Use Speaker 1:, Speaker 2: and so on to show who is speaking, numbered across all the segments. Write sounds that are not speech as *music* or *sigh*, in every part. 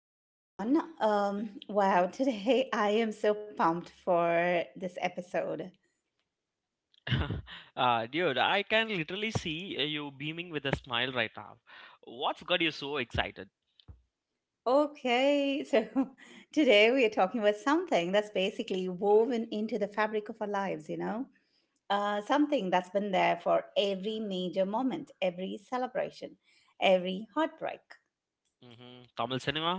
Speaker 1: back, everyone. Wow, *laughs* today I am so pumped for this episode.
Speaker 2: *laughs* Dude, I can literally see you beaming with a smile right now. What's got you so excited?
Speaker 1: Okay, so *laughs* today we are talking about something that's basically woven into the fabric of our lives, something that's been there for every major moment, every celebration, every heartbreak.
Speaker 2: Tamil cinema.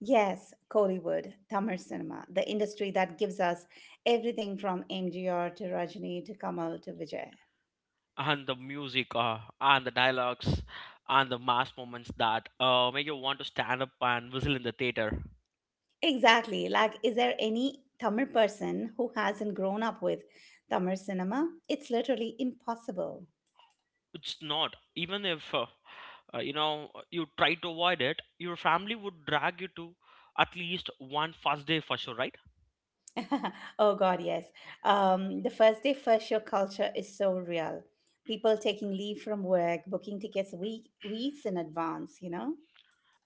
Speaker 1: Yes, Kollywood, Tamil cinema, the industry that gives us everything from MGR to Rajni to Kamal to Vijay.
Speaker 2: And the music, and the dialogues, and the mass moments that make you want to stand up and whistle in the theater.
Speaker 1: Exactly. Like, is there any Tamil person who hasn't grown up with Tamil cinema? It's literally impossible.
Speaker 2: It's not even if you try to avoid it. Your family would drag you to at least one first day for sure, right?
Speaker 1: *laughs* Oh, God, yes. The first day, first show culture is so real. People taking leave from work, booking tickets weeks in advance, you know?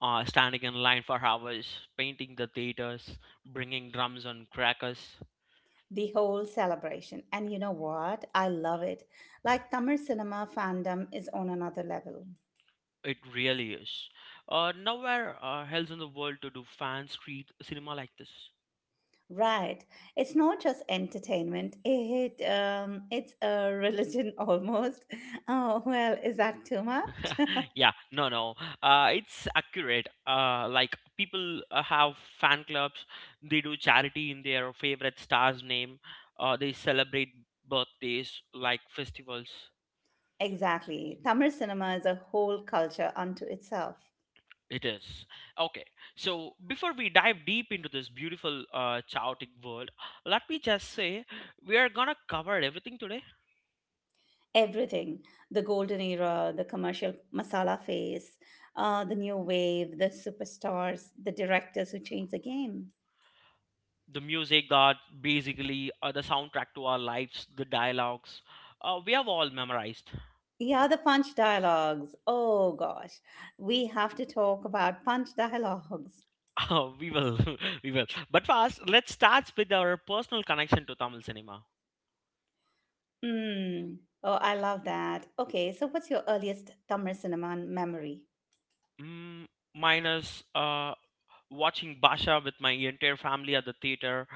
Speaker 2: Standing in line for hours, painting the theaters, bringing drums and crackers.
Speaker 1: The whole celebration. And you know what? I love it. Like, Tamil cinema fandom is on another level.
Speaker 2: It really is. Nowhere else in the world to do fan street cinema like this.
Speaker 1: Right. It's not just entertainment. It's a religion *laughs* almost. Oh well, is that too much?
Speaker 2: Yeah, no, no. It's accurate. Like, people have fan clubs. They do charity in their favorite star's name. They celebrate birthdays like festivals.
Speaker 1: Exactly. Tamil cinema is a whole culture unto itself.
Speaker 2: It is. Okay. So before we dive deep into this beautiful, chaotic world, let me just say we are gonna cover everything today.
Speaker 1: Everything: the golden era, the commercial masala phase, the new wave, the superstars, the directors who change the game.
Speaker 2: The music that basically, the soundtrack to our lives, the dialogues we have all memorized. *laughs*
Speaker 1: Yeah, the punch dialogues. Oh gosh, we have to talk about punch dialogues.
Speaker 2: We will *laughs* we will, but first let's start with our personal connection to Tamil cinema.
Speaker 1: Mm. Oh, I love that. Okay, so what's your earliest Tamil cinema memory?
Speaker 2: Mm, mine is uh, watching Basha with my entire family at the theater.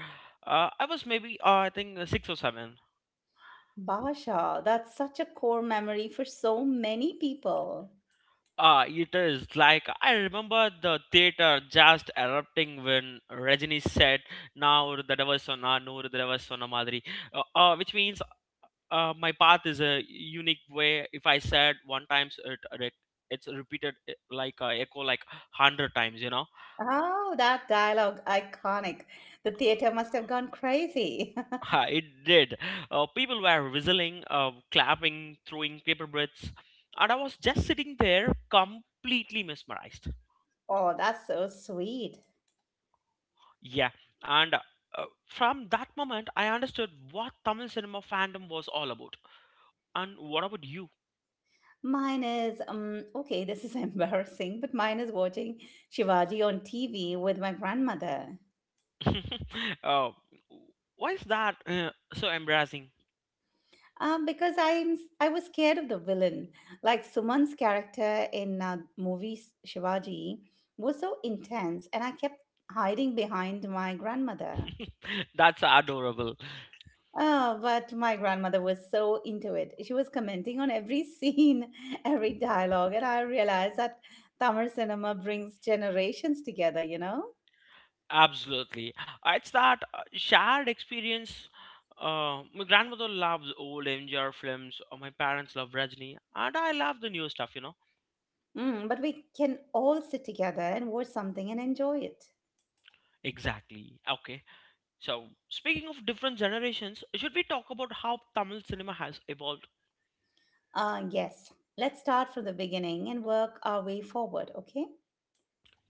Speaker 2: I was maybe I think 6 or 7.
Speaker 1: Basha, that's such a core memory for so many people.
Speaker 2: It is like I remember the theater just erupting when Rajini said, now ஒரு தடவை சொன்னா நூறு தடவை சொன்ன மாதிரி, which means my path is a unique way. If I said one times it's repeated, like echo, like 100 times, you know.
Speaker 1: Oh, that dialogue, iconic. The theater must have gone crazy. *laughs*
Speaker 2: *laughs* It did. People were whistling, clapping, throwing paper breaths, and I was just sitting there completely mesmerized.
Speaker 1: Oh, that's so sweet.
Speaker 2: Yeah, and from that moment I understood what Tamil cinema fandom was all about. And what about you?
Speaker 1: Mine is, okay, this is *laughs* embarrassing, but mine is watching Shivaji on TV with my grandmother.
Speaker 2: *laughs* uh, why is that so embarrassing?
Speaker 1: Because I'm s- I am I was scared of the villain. Like Suman's character in movie Shivaji was so intense, and I kept hiding behind my grandmother.
Speaker 2: *laughs* That's adorable.
Speaker 1: Oh, but my grandmother was so into it. She was commenting on every scene, *laughs* every dialogue, and I realized that Tamil cinema brings generations together.
Speaker 2: Absolutely. It's that shared experience. My grandmother loves old MGR films, or my parents love Rajni, and I love the new stuff, you know.
Speaker 1: But we can all sit together and watch something and enjoy it.
Speaker 2: Exactly. Okay. So, speaking of different generations, should we talk about how Tamil cinema has evolved?
Speaker 1: Yes. Let's start from the beginning and work our way forward, okay?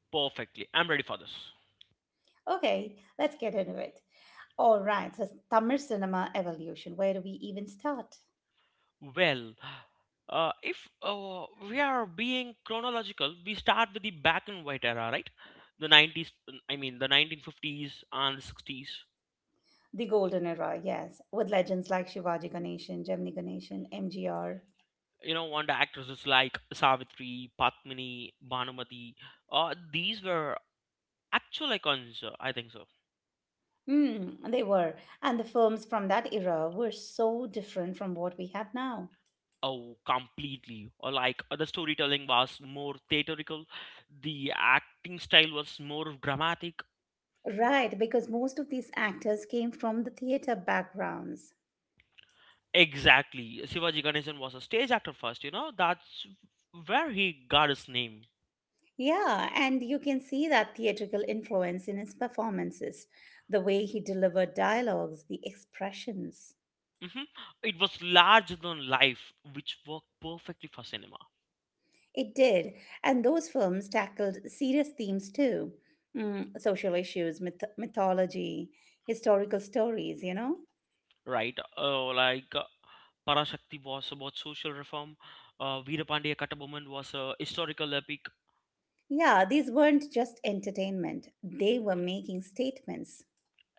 Speaker 2: Perfectly. I'm ready for this.
Speaker 1: Okay, let's get into it. All right, so Tamil cinema evolution. Where do we even start?
Speaker 2: Well, if we are being chronological, we start with the black and white era, right? The 90s, I mean, the 1950s and the 60s.
Speaker 1: The golden era, yes, with legends like Shivaji Ganeshan, Gemini Ganeshan, MGR.
Speaker 2: Won actresses like Savitri, Patmini, Bhanumati. These were actual icons, I think so.
Speaker 1: Hmm, they were. And the films from that era were so different from what we have now.
Speaker 2: Oh, completely. Or like, the storytelling was more theatrical, the acting style was more dramatic.
Speaker 1: Right, because most of these actors came from the theater backgrounds.
Speaker 2: Exactly. Shivaji Ganesan was a stage actor first, you know, that's where he got his name.
Speaker 1: Yeah, and you can see that theatrical influence in his performances, the way he delivered dialogues, the expressions.
Speaker 2: hmm It was larger than life, which worked perfectly for cinema.
Speaker 1: It did. And those films tackled serious themes too. Mm, social issues, mythology, historical stories, you know?
Speaker 2: Right? Like, Parashakti was about social reform. Veerapandya Kattaboman was a historical epic.
Speaker 1: Yeah, these weren't just entertainment, they were making statements.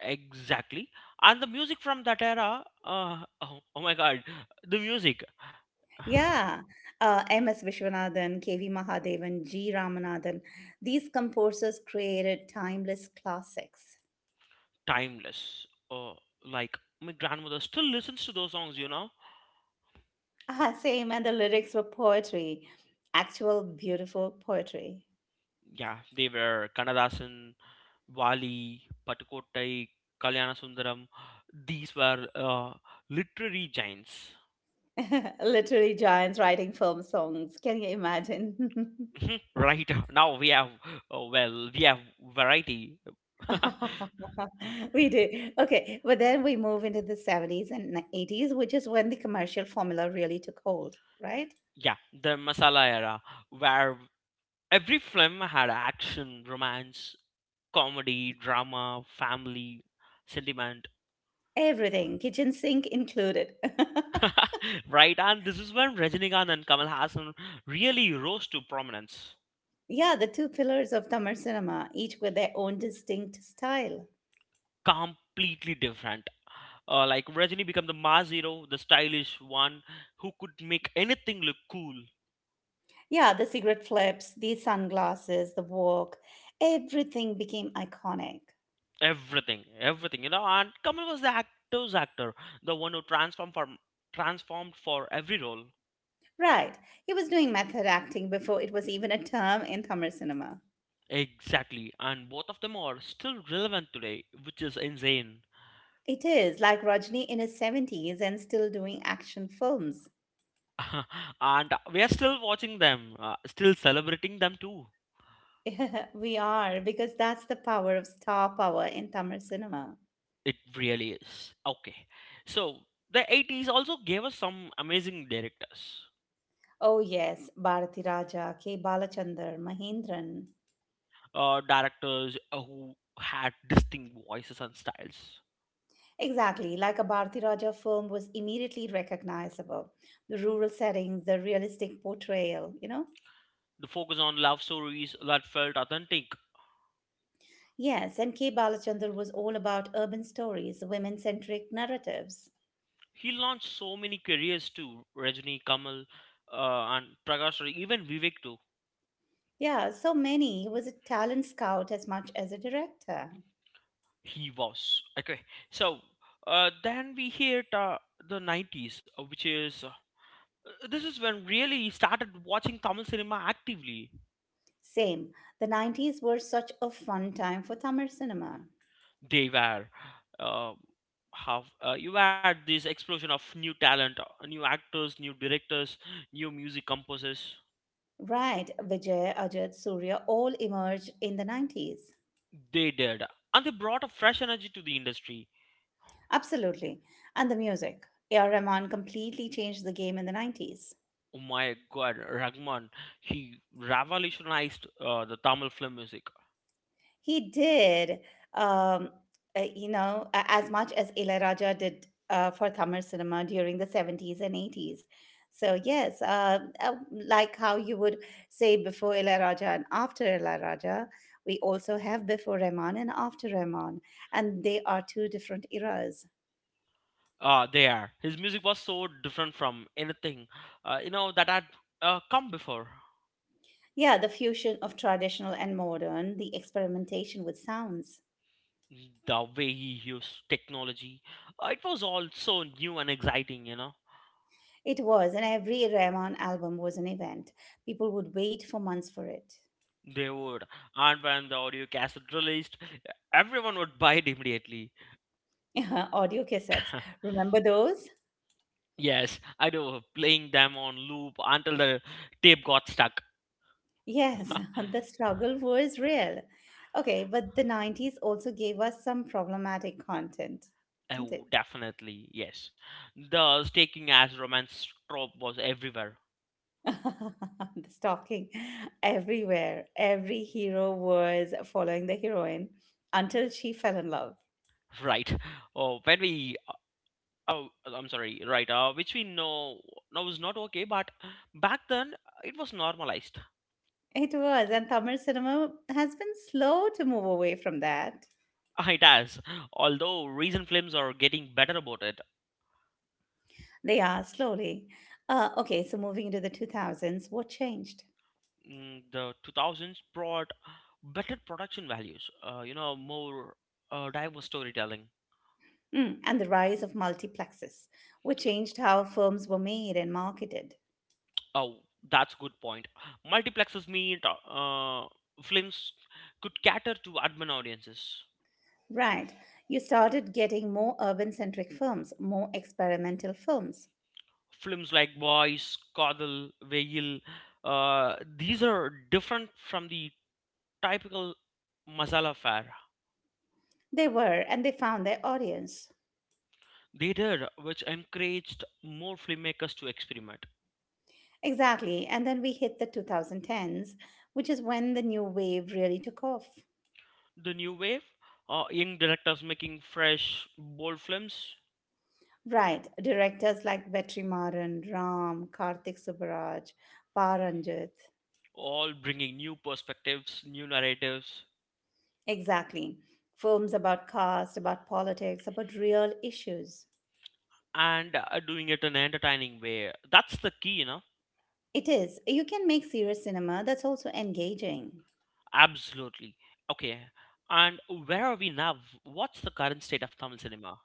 Speaker 2: Exactly. And the music from that era, oh, oh my God, the music,
Speaker 1: Yeah, M.S. Vishwanathan, K.V. Mahadevan, G. Ramanathan, these composers created timeless classics.
Speaker 2: timeless. Like, my grandmother still listens to those songs, you know.
Speaker 1: *laughs* Ah, same, and the lyrics were poetry, actual beautiful poetry.
Speaker 2: Yeah, they were Kannadasan, Wali, Patukottai, Kalyana Sundaram. These were literary giants.
Speaker 1: *laughs* Literally giants writing film songs. Can you imagine? *laughs*
Speaker 2: Mhm. Right. *laughs* Now we have, oh, well, we have variety. *laughs*
Speaker 1: *laughs* We do. Okay. But then we move into the 70s and 80s, which is when the commercial formula really took hold, right?
Speaker 2: Yeah, the masala era where every film had action, romance, comedy, drama, family sentiment.
Speaker 1: Everything, kitchen sink included. *laughs*
Speaker 2: *laughs* Right, and this is when Rajinikanth and Kamal Hassan really rose to prominence.
Speaker 1: Yeah, the two pillars of Tamil cinema, each with their own distinct style.
Speaker 2: Completely different. Like, Rajini became the Mazero, the stylish one who could make anything look cool.
Speaker 1: Yeah, the cigarette flips, the sunglasses, the walk, everything became iconic.
Speaker 2: Everything, everything, you know. And Kamal was the actor's actor, the one who transformed for every role.
Speaker 1: Right. He was doing method acting before it was even a term in Tamil cinema.
Speaker 2: Exactly, and both of them are still relevant today, which is insane.
Speaker 1: It is like Rajni in his 70s and still doing action films.
Speaker 2: *laughs* And we are still watching them, still celebrating them too.
Speaker 1: *laughs* We are, because that's the power of star power in Tamil cinema.
Speaker 2: It really is. Okay, so the 80s also gave us some amazing directors.
Speaker 1: Oh, yes, Bharati Raja, K. Balachandar, Mahindran.
Speaker 2: Directors who had distinct voices and styles.
Speaker 1: Exactly, like a Bharati Raja film was immediately recognizable. The rural settings, the realistic portrayal, you know?
Speaker 2: The focus on love stories that felt authentic.
Speaker 1: Yes, and K. Balachandar was all about urban stories, women centric narratives.
Speaker 2: He launched so many careers too. Rajni, Kamal, and Prakash, Rao, even Vivek too.
Speaker 1: Yeah, so many. He was a talent scout as much as a director.
Speaker 2: He was. Okay. So then we hit the 90s, which is, this is when really started watching Tamil cinema actively.
Speaker 1: Same. The 90s were such a fun time for Tamil cinema.
Speaker 2: They were. Uh, have You had this explosion of new talent, new actors, new directors, new music composers.
Speaker 1: Right, Vijay, Ajit, Surya all emerged in the 90s.
Speaker 2: They did, and they brought a fresh energy to the industry.
Speaker 1: Absolutely. And the music. A.R. Rahman completely changed the game in the 90s.
Speaker 2: Oh my God, Ragman, he revolutionized the Tamil film music.
Speaker 1: He did. Um, as much as Ilaiyaraaja did for Tamil cinema during the 70s and 80s. So, yes, like how you would say before Ilaiyaraaja and after Ilaiyaraaja, we also have before Rahman and after Rahman, and they are two different eras.
Speaker 2: There, his music was so different from anything, that had come before.
Speaker 1: Yeah, the fusion of traditional and modern, the experimentation with sounds.
Speaker 2: The way he used technology, it was all so new and exciting, you know.
Speaker 1: It was, and every Rahman album was an event. People would wait for months for it.
Speaker 2: They would, and when the audio cassette released, everyone would buy it immediately.
Speaker 1: Uh-huh. Audio cassettes.
Speaker 2: *laughs*
Speaker 1: Remember those?
Speaker 2: Yes, I do. Playing them on loop until the tape got stuck.
Speaker 1: Yes, *laughs* the struggle was real. Okay, but the 90s also gave us some problematic content, didn't
Speaker 2: Oh,
Speaker 1: it?
Speaker 2: definitely, yes. The staking as romance trope was everywhere.
Speaker 1: *laughs* The stalking everywhere. Every hero was following the heroine until she fell in love.
Speaker 2: *laughs* Right? Oh, when we, oh, I'm sorry, right? Which we know now is not okay, but back then it was normalized.
Speaker 1: It was, and Tamil cinema has been slow to move away from that.
Speaker 2: *laughs* It has, although recent films are getting better about it.
Speaker 1: They are slowly. Okay, so moving into the 2000s, what changed?
Speaker 2: The 2000s brought better production values. You know, more, diverse storytelling.
Speaker 1: Mm, and the rise of multiplexes, which changed how films were made and marketed.
Speaker 2: Oh, that's a good point. Multiplexes mean films could cater to urban audiences.
Speaker 1: Right. You started getting more urban centric films, more experimental films.
Speaker 2: Films like Boys, Kadal, Veil, these are different from the typical masala fare.
Speaker 1: They were, and they found their audience.
Speaker 2: They did, which encouraged more filmmakers to experiment.
Speaker 1: Exactly. And then we hit the 2010s, which is when the new wave really took off.
Speaker 2: The new wave, young directors making fresh, bold films,
Speaker 1: Right. Directors like Vetrimaran, Ram, Karthik Subaraj, Paranjit.
Speaker 2: all bringing new perspectives, new narratives,
Speaker 1: Exactly. Films about caste, about politics, about real issues.
Speaker 2: and doing it in an entertaining way. That's the key, you know.
Speaker 1: It is. You can make serious cinema that's also engaging.
Speaker 2: Absolutely. Okay. And where are we now? What's the current state of Tamil cinema?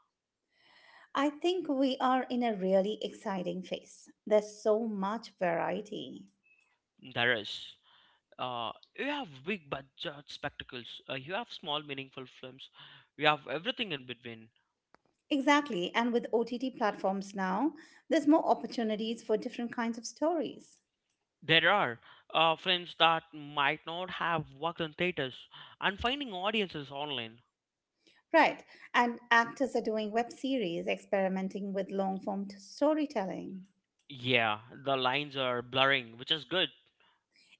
Speaker 1: I think we are in a really exciting phase. There's so much variety.
Speaker 2: There is. Uh, you have big budget spectacles. You have small meaningful films. You have everything in between.
Speaker 1: Exactly. And with OTT platforms now, there's more opportunities for different kinds of stories.
Speaker 2: There are films that might not have worked in theaters and finding audiences online.
Speaker 1: Right. And actors are doing web series, experimenting with long form storytelling.
Speaker 2: Yeah, the lines are blurring, which is good.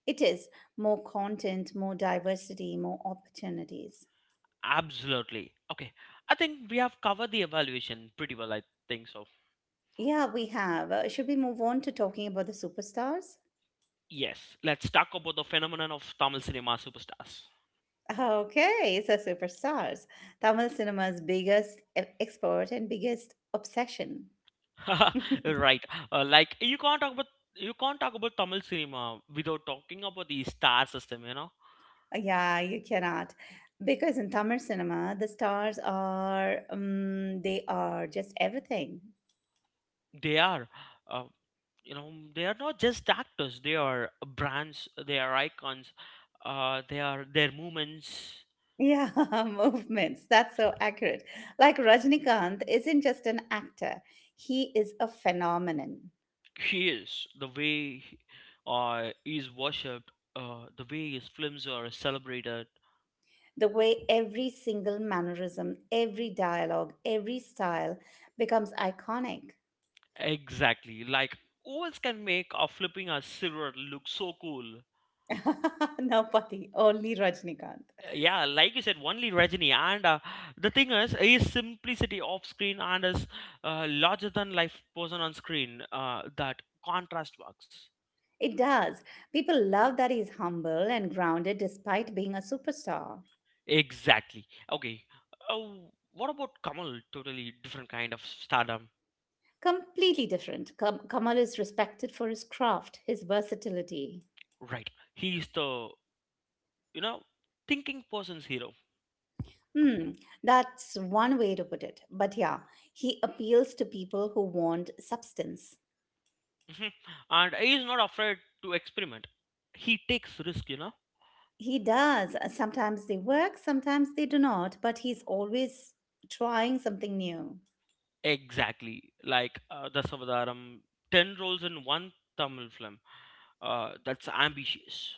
Speaker 1: It is more content, more diversity, more opportunities.
Speaker 2: Absolutely. Okay. I think we have covered the evaluation pretty well, I think so.
Speaker 1: Yeah, we have. Should we move on to talking about the superstars?
Speaker 2: Yes, let's talk about the phenomenon of Tamil cinema superstars.
Speaker 1: Ah, okay, so superstars. Tamil cinema's biggest export and biggest obsession.
Speaker 2: *laughs*
Speaker 1: *laughs*
Speaker 2: Right, like, you can't talk about Tamil cinema without talking about the star system, you know.
Speaker 1: Yeah, you cannot. Because in Tamil cinema, the stars are, they are just everything.
Speaker 2: They are, uh, they are not just actors. They are brands. They are icons. They are their movements.
Speaker 1: Yeah, *laughs* movements. That's so accurate. Like Rajnikanth isn't just an actor, he is a phenomenon.
Speaker 2: He is. The way he is worshipped. The way his films are celebrated.
Speaker 1: The way every single mannerism, every dialogue, every style becomes iconic.
Speaker 2: Exactly. Like, ovals can make a flipping a silver look so cool.
Speaker 1: *laughs* Napati, only Rajnikanth.
Speaker 2: Yeah, like you said, only Rajini. And the thing is, his simplicity off screen and his larger than life person on screen, that contrast works.
Speaker 1: It does. People love that he's humble and grounded despite being a superstar.
Speaker 2: Exactly. Okay. Uh, what about Kamal? Totally different kind of stardom.
Speaker 1: Completely different. Kamal is respected for his craft, his versatility.
Speaker 2: Right. He is the, you know, thinking person's hero.
Speaker 1: Hmm, that's one way to put it. But yeah, he appeals to people who want substance.
Speaker 2: *laughs* Mhm. And he is not afraid to experiment. He takes risk, you know.
Speaker 1: He does. Sometimes they work, sometimes they do not, but he's always trying something new.
Speaker 2: Exactly, like Dasavadaram, 10 roles in one Tamil film. That's ambitious.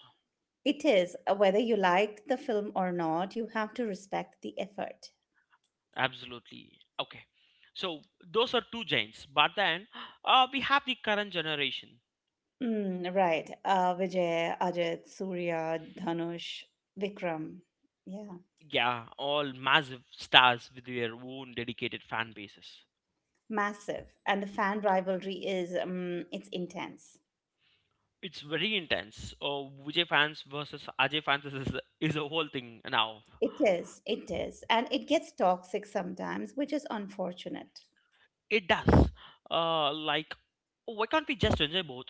Speaker 1: It is. Whether you liked the film or not, you have to respect the effort.
Speaker 2: Absolutely. Okay. So those are two giants. But then we have the current generation.
Speaker 1: Mm, right. Vijay, Ajit, Surya, Dhanush, Vikram. Yeah.
Speaker 2: Yeah, all massive stars with their own dedicated fan bases.
Speaker 1: Massive. And the fan rivalry is, it's intense.
Speaker 2: It's very intense. Vijay fans versus Ajay fans is a whole thing now.
Speaker 1: It is. It is. And it gets toxic sometimes, which is unfortunate.
Speaker 2: It does. Like, why can't we just enjoy both?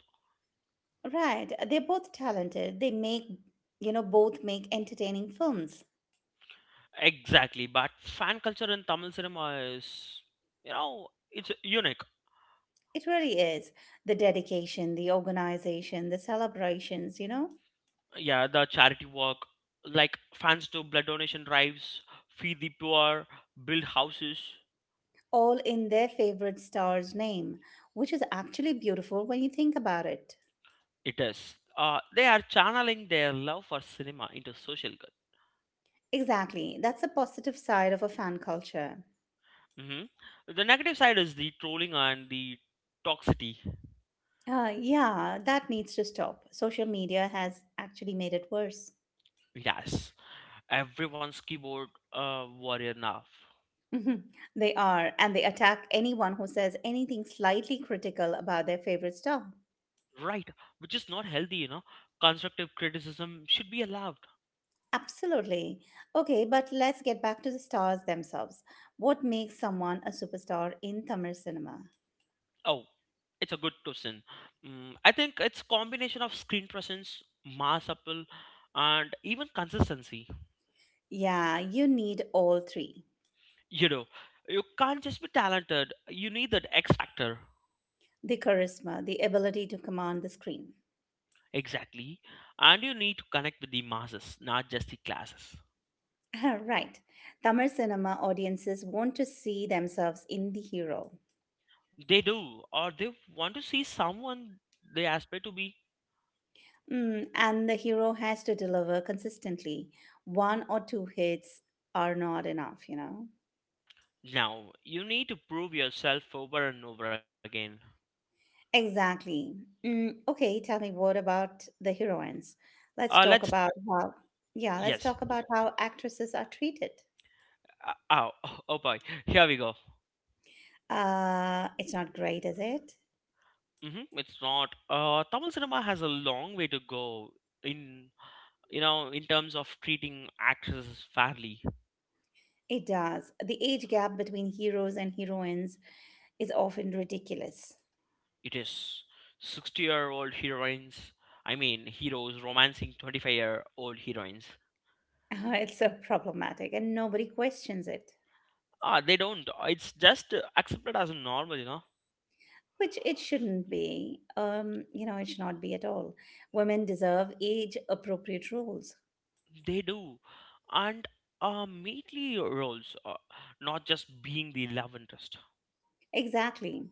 Speaker 1: Right. They're both talented. They make, both make entertaining films.
Speaker 2: Exactly, but fan culture in Tamil cinema is, you know, it's unique.
Speaker 1: It really is. The dedication, the organization, the celebrations, you know?
Speaker 2: Yeah, the charity work, like fans do blood donation drives, feed the poor, build houses.
Speaker 1: All in their favorite star's name, which is actually beautiful when you think about it.
Speaker 2: It is. They are channeling their love for cinema into social good.
Speaker 1: Exactly, that's the positive side of a fan culture.
Speaker 2: hmm The negative side is the trolling and the toxicity.
Speaker 1: Yeah, that needs to stop. Social media has actually made it worse.
Speaker 2: Yes, everyone's keyboard warrior now.
Speaker 1: Mhm. They are, and they attack anyone who says anything slightly critical about their favorite star.
Speaker 2: Right, which is not healthy, you know. Constructive criticism should be allowed.
Speaker 1: Absolutely. Okay, but let's get back to the stars themselves. What makes someone a superstar in Tamil cinema?
Speaker 2: Oh, it's a good question. I think it's combination of screen presence, mass appeal, and even consistency.
Speaker 1: Yeah, you need all three.
Speaker 2: You know, you can't just be talented. You need that X factor.
Speaker 1: The charisma, the ability to command the screen.
Speaker 2: Exactly, and you need to connect with the masses, not just the classes.
Speaker 1: *laughs* Right. Tamil cinema audiences want to see themselves in the hero.
Speaker 2: They do, or they want to see someone they aspire to be.
Speaker 1: Mm, and the hero has to deliver consistently. One or two hits are not enough, you know?
Speaker 2: Now, you need to prove yourself over and over again.
Speaker 1: Exactly. Mm, okay, tell me what about the heroines? Let's talk
Speaker 2: Let's
Speaker 1: about how, yeah, let's
Speaker 2: Yes.
Speaker 1: talk about how actresses are treated.
Speaker 2: Oh, *laughs* oh boy, here we go.
Speaker 1: It's not great, is it?
Speaker 2: It's not. Tamil cinema has a long way to go in you know in terms of treating actresses fairly.
Speaker 1: It does. The age gap between heroes and heroines is often ridiculous.
Speaker 2: It is 60-year-old heroines. I mean heroes romancing 25-year-old heroines.
Speaker 1: *laughs* It's so problematic and nobody questions it,
Speaker 2: Ah, they don't. It's just accepted as normal, you know.
Speaker 1: which it shouldn't be. It should not be at all. Women deserve age appropriate roles.
Speaker 2: They do, and mainly roles, not just being the love interest.
Speaker 1: Exactly.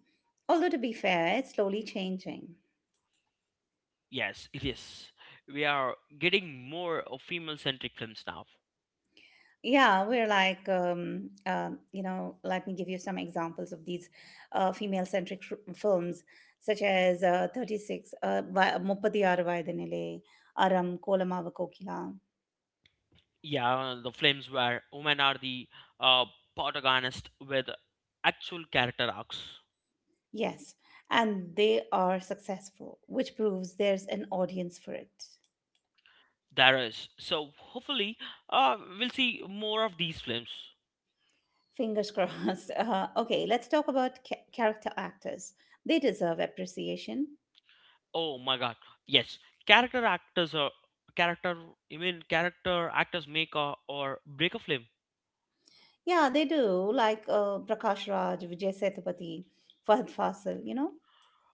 Speaker 1: Although, to be fair, it's slowly changing.
Speaker 2: Yes, it is. We are getting more female centric films now.
Speaker 1: Yeah, we're like, let me give you some examples of these female centric films, such as 36, Muppadi Aravaidanile, Aram, Kolamava Kokila.
Speaker 2: Yeah, the films where women are the, uh, protagonist with actual character arcs.
Speaker 1: Yes, and they are successful, which proves there's an audience for it.
Speaker 2: There is. So hopefully, we'll see more of these films.
Speaker 1: Fingers *laughs* crossed. Okay, let's talk about character actors. They deserve appreciation.
Speaker 2: Oh my God! Yes, character actors are character. I mean, character actors make a, or break a film.
Speaker 1: Yeah, they do. Like Prakash Raj, Vijay Sethupathi, Fahad Fasil, you know?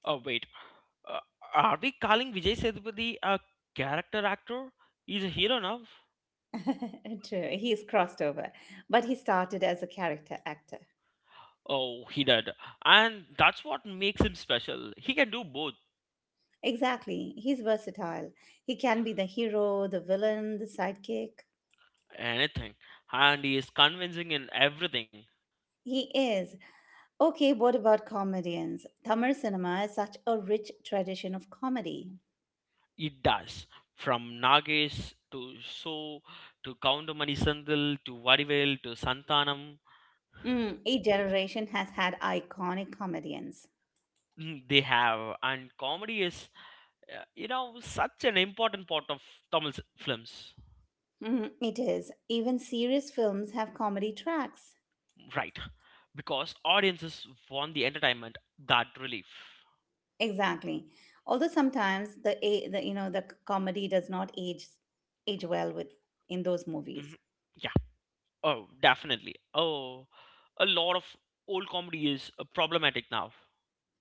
Speaker 2: Oh, wait, uh, are we calling Vijay Sethupathi a character actor? He's a hero now.
Speaker 1: *laughs* True, he's crossed over, but he started as a character actor.
Speaker 2: Oh, he did, and that's what makes him special. He can do both
Speaker 1: Exactly, he's versatile. He can be the hero, the villain, the sidekick.
Speaker 2: anything, and he is convincing in everything
Speaker 1: He is. Okay, what about comedians? Tamil cinema is such a rich tradition of comedy.
Speaker 2: he does, from Nagesh to So to Koundamani Sandil to Vadivel to Santanam.
Speaker 1: Mm, each generation has had iconic comedians.
Speaker 2: They have. And comedy is, such an important part of Tamil films.
Speaker 1: Mm, it is. Even serious films have comedy tracks.
Speaker 2: Right, because audiences want the entertainment, that relief.
Speaker 1: Exactly. Although sometimes the, a- the you know the comedy does not age well with in those movies.
Speaker 2: Mhm. Yeah, oh definitely. Oh, a lot of old comedy is problematic now.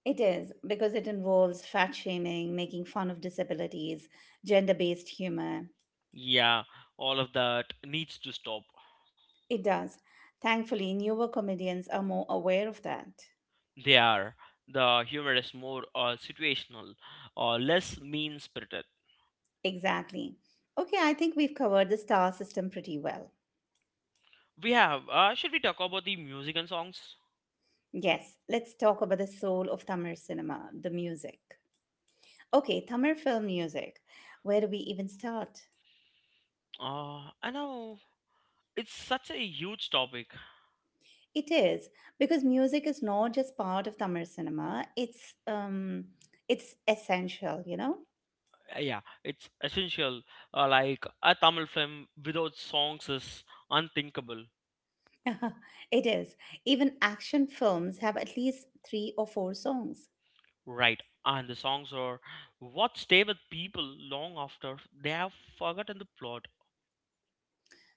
Speaker 1: It is because it involves fat shaming, making fun of disabilities, gender based humor.
Speaker 2: Yeah, all of that needs to stop.
Speaker 1: It does. Thankfully, newer comedians are more aware of that.
Speaker 2: They are. The humor is more situational, less mean spirited.
Speaker 1: Exactly. Okay, I think we've covered the star system pretty well.
Speaker 2: We have. Should we talk about the music and songs?
Speaker 1: Yes, let's talk about the soul of Tamil cinema, the music. Okay, Tamil film music. Where do we even start?
Speaker 2: I know it's such a huge topic.
Speaker 1: It is because music is not just part of Tamil cinema, it's essential, you know?
Speaker 2: Yeah, it's essential. Like a Tamil film without songs is unthinkable,
Speaker 1: *laughs* It is. Even action films have at least 3 or 4 songs.
Speaker 2: right? And the songs are what stay with people long after they have forgotten the plot.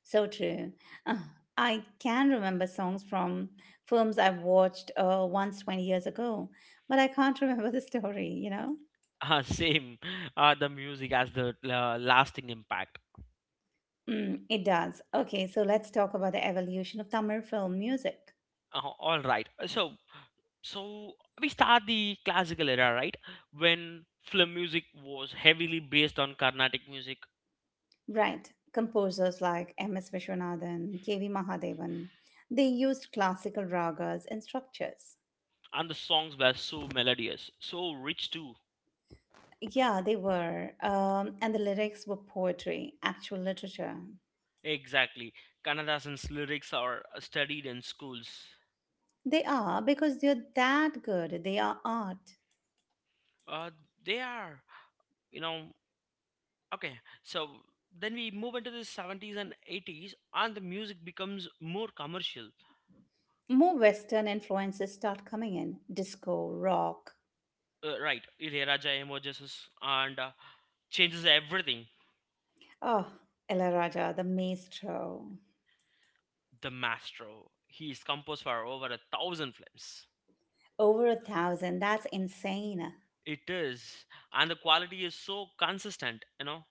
Speaker 1: So true. Uh, I can remember songs from films I watched once 20 years ago, but I can't *laughs* remember the story, you know?
Speaker 2: *laughs* Same, the music has the lasting impact.
Speaker 1: Mm, it does. Okay, so let's talk about the evolution of Tamil film music.
Speaker 2: All right. So we start the classical era, right? When film music was heavily based on Carnatic music,
Speaker 1: Right. Composers like M.S. Vishwanathan, K.V. Mahadevan, they used classical ragas and structures.
Speaker 2: and the songs were so melodious, so rich too.
Speaker 1: Yeah, they were. And the lyrics were poetry, actual literature.
Speaker 2: Exactly, Kannadasan's lyrics are studied in schools.
Speaker 1: They are because they're that good. They are art.
Speaker 2: Uh, they are, you know. Okay, so then we move into the 70s and 80s, and the music becomes more commercial.
Speaker 1: More Western influences start coming in disco, rock.
Speaker 2: Right, Ilaiyaraaja emerges and changes everything.
Speaker 1: Oh, El Raja, the maestro.
Speaker 2: The maestro. He's composed for over a thousand films.
Speaker 1: Over a thousand. That's insane.
Speaker 2: It is, and the quality is so consistent, you know.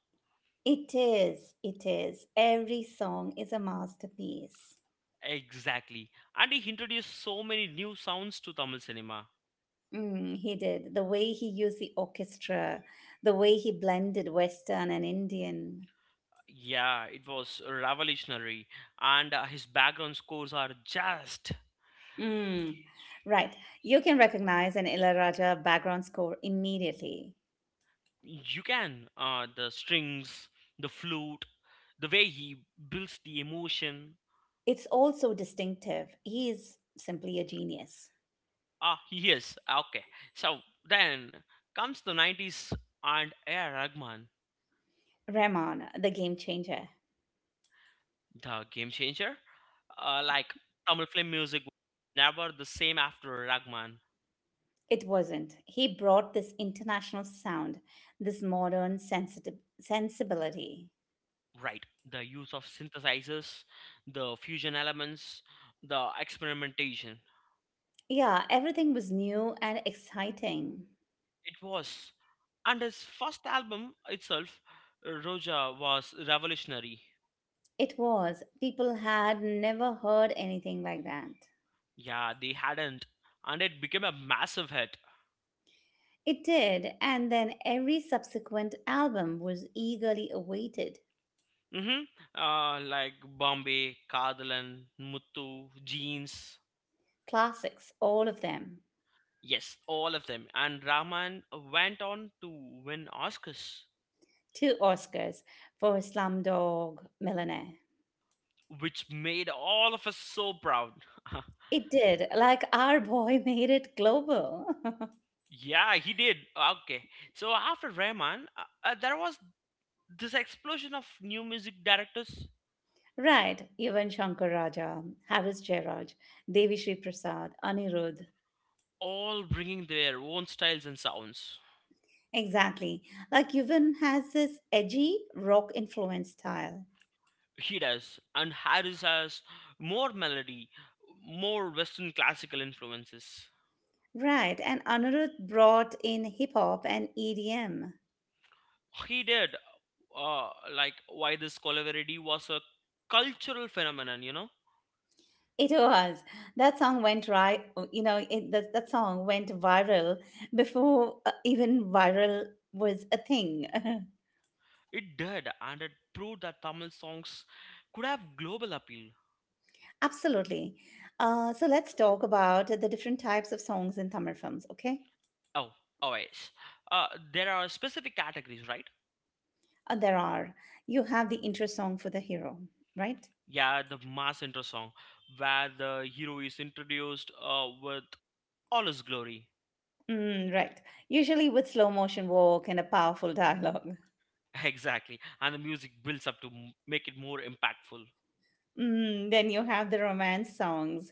Speaker 1: It is. It is. Every song is a masterpiece.
Speaker 2: Exactly, and he introduced so many new sounds to Tamil cinema.
Speaker 1: Mm, he did. The way he used the orchestra, the way he blended Western and Indian.
Speaker 2: Yeah, it was revolutionary, and his background scores are just
Speaker 1: Mm. Right. You can recognize an Ilaraja background score immediately.
Speaker 2: you can the strings, the flute, the way he builds the emotion.
Speaker 1: It's also distinctive. He is simply a genius.
Speaker 2: Ah, yes. Okay. So then comes the 90s and A.R. Rahman,
Speaker 1: Rahman, the game changer.
Speaker 2: the game changer. Like Tamil film music was never the same after Rahman.
Speaker 1: It wasn't. He brought this international sound, this modern sensitive sensibility.
Speaker 2: Right. The use of synthesizers, the fusion elements, the experimentation.
Speaker 1: Yeah, everything was new and exciting.
Speaker 2: It was. And his first album itself, Roja, was revolutionary.
Speaker 1: It was. People had never heard anything like that.
Speaker 2: Yeah, they hadn't. And it became a massive hit.
Speaker 1: It did, and then every subsequent album was eagerly awaited.
Speaker 2: Mm-hmm. Like Bombay, Kadalan, Muttu, Jeans.
Speaker 1: Classics, all of them.
Speaker 2: Yes, all of them. And Rahman went on to win Oscars,
Speaker 1: Two Oscars for Slumdog Millionaire.
Speaker 2: which made all of us so proud.
Speaker 1: It did, like our boy *laughs* made it global. *laughs*
Speaker 2: *laughs* Yeah, he did. Okay. So after Rahman, there was this explosion of new music directors,
Speaker 1: Right, even Shankar Raja, Harris Jairaj, Devi Shri Prasad, Anirudh.
Speaker 2: all bringing their own styles and sounds.
Speaker 1: Exactly. Like Yuvan has this edgy rock influence style.
Speaker 2: He does. And Harris has more melody, more Western classical influences.
Speaker 1: Right, and Anirudh brought in hip hop and EDM.
Speaker 2: He did uh, like why this colliverity was a cultural phenomenon, you know.
Speaker 1: It was. That song went That song went viral before even viral was a thing. *laughs*
Speaker 2: It did, and it proved that Tamil songs could have global appeal.
Speaker 1: Absolutely. So let's talk about the different types of songs in Tamil films, okay?
Speaker 2: Oh, always, there are specific categories, right?
Speaker 1: There are. You have the intro song for the hero, right?
Speaker 2: Yeah, the mass intro song where the hero is introduced with all his glory.
Speaker 1: Mm, right. Usually with slow motion walk and a powerful dialogue.
Speaker 2: *laughs* Exactly, and the music builds up to make it more impactful.
Speaker 1: Mm, then you have the romance songs.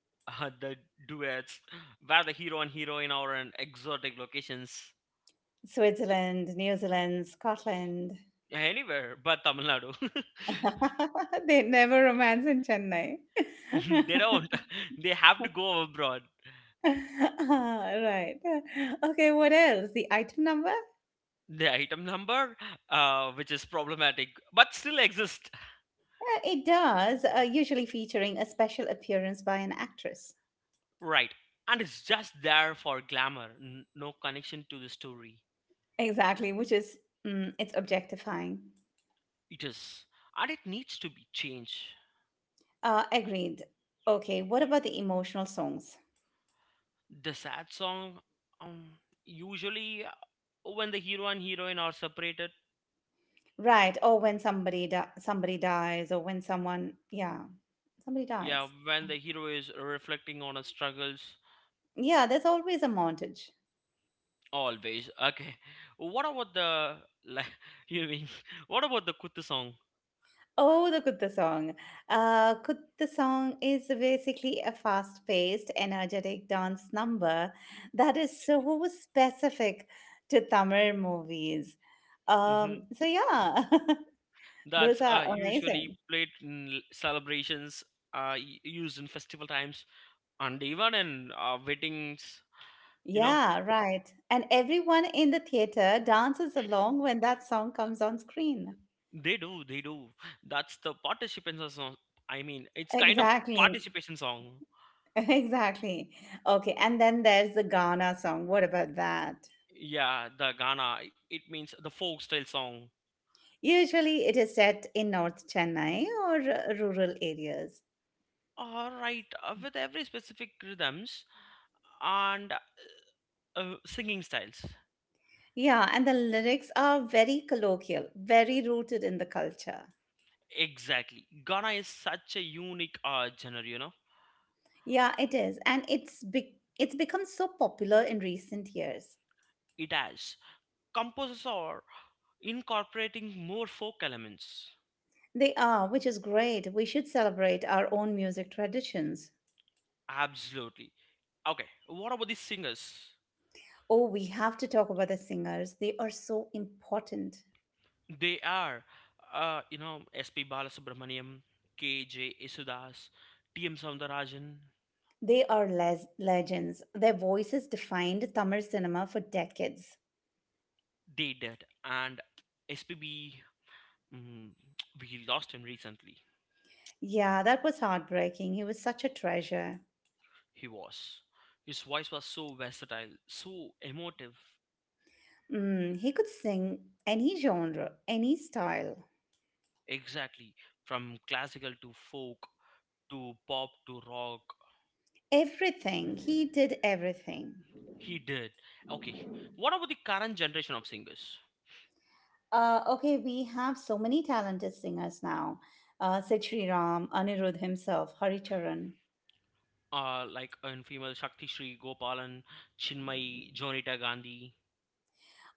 Speaker 2: *laughs* the duets where the hero and heroine are in exotic locations.
Speaker 1: Switzerland, New Zealand, Scotland.
Speaker 2: Anywhere but Tamil Nadu.
Speaker 1: *laughs* They never romance in Chennai.
Speaker 2: *laughs* They don't.
Speaker 1: *laughs*
Speaker 2: *laughs* They have to go abroad.
Speaker 1: Ah, right. Okay, what else? The item number?
Speaker 2: The item number, which is problematic, but still exists.
Speaker 1: It does, usually featuring a special appearance by an actress.
Speaker 2: Right. And it's just there for glamour, no connection to the story.
Speaker 1: Exactly, which is, it's objectifying.
Speaker 2: It is. And it needs to be changed.
Speaker 1: Agreed. Okay, what about the emotional songs?
Speaker 2: The sad song, um, usually when the hero and heroine are separated,
Speaker 1: Right, or when somebody dies, or when yeah, somebody
Speaker 2: yeah,
Speaker 1: dies.
Speaker 2: when the hero is reflecting on his struggles.
Speaker 1: Yeah, there's always a montage.
Speaker 2: Always. Okay. What about the, like *laughs* you mean *laughs* what about the Kuttu song?
Speaker 1: Oh, the Kutta song. Kutta song is basically a fast-paced, energetic dance number that is so specific to Tamil movies.
Speaker 2: Hmm.
Speaker 1: So yeah, *laughs* those
Speaker 2: That's
Speaker 1: are
Speaker 2: usually
Speaker 1: amazing.
Speaker 2: played in celebrations, used in festival times, and even in weddings. You know,
Speaker 1: Yeah, right. And everyone in the theater dances along when that song comes on screen.
Speaker 2: they do, they do. That's the participation song. I mean, it's kind of
Speaker 1: Exactly. *laughs*
Speaker 2: participation song.
Speaker 1: Exactly. Okay. And then there's the Ghana song. What about that?
Speaker 2: Yeah, the Ghana. It means the folk style song.
Speaker 1: Usually it is set in North Chennai or rural areas.
Speaker 2: All right, with every specific rhythms and singing styles.
Speaker 1: Yeah. And the lyrics are very colloquial, very rooted in the culture.
Speaker 2: Exactly. Ghana is such a unique genre, you know.
Speaker 1: Yeah, it is. And it's become so popular in recent years.
Speaker 2: It has composers are incorporating more folk elements.
Speaker 1: They are, which is great. We should celebrate our own music traditions.
Speaker 2: Absolutely. Okay, what about the singers?
Speaker 1: Oh, we have to talk about the singers. They are so important.
Speaker 2: They are, you know, S.P. Balasubramaniam, K.J. Isudas, T.M. Soundarajan.
Speaker 1: They are legends. Their voices defined Tamil cinema for decades.
Speaker 2: They did. And S.P.B. Mm, we lost him recently.
Speaker 1: Yeah, that was heartbreaking. He was such a treasure.
Speaker 2: He was. His voice was so versatile, so emotive.
Speaker 1: Mm, he could sing any genre, any style,
Speaker 2: Exactly. From classical to folk to pop to rock,
Speaker 1: everything. He did everything.
Speaker 2: he did. Okay. What about the current generation of singers?
Speaker 1: Okay, we have so many talented singers now. Sid Sriram, Anirudh himself, Haricharan.
Speaker 2: Like in female Shakti Shri Gopalan, Chinmay, Jonita Gandhi.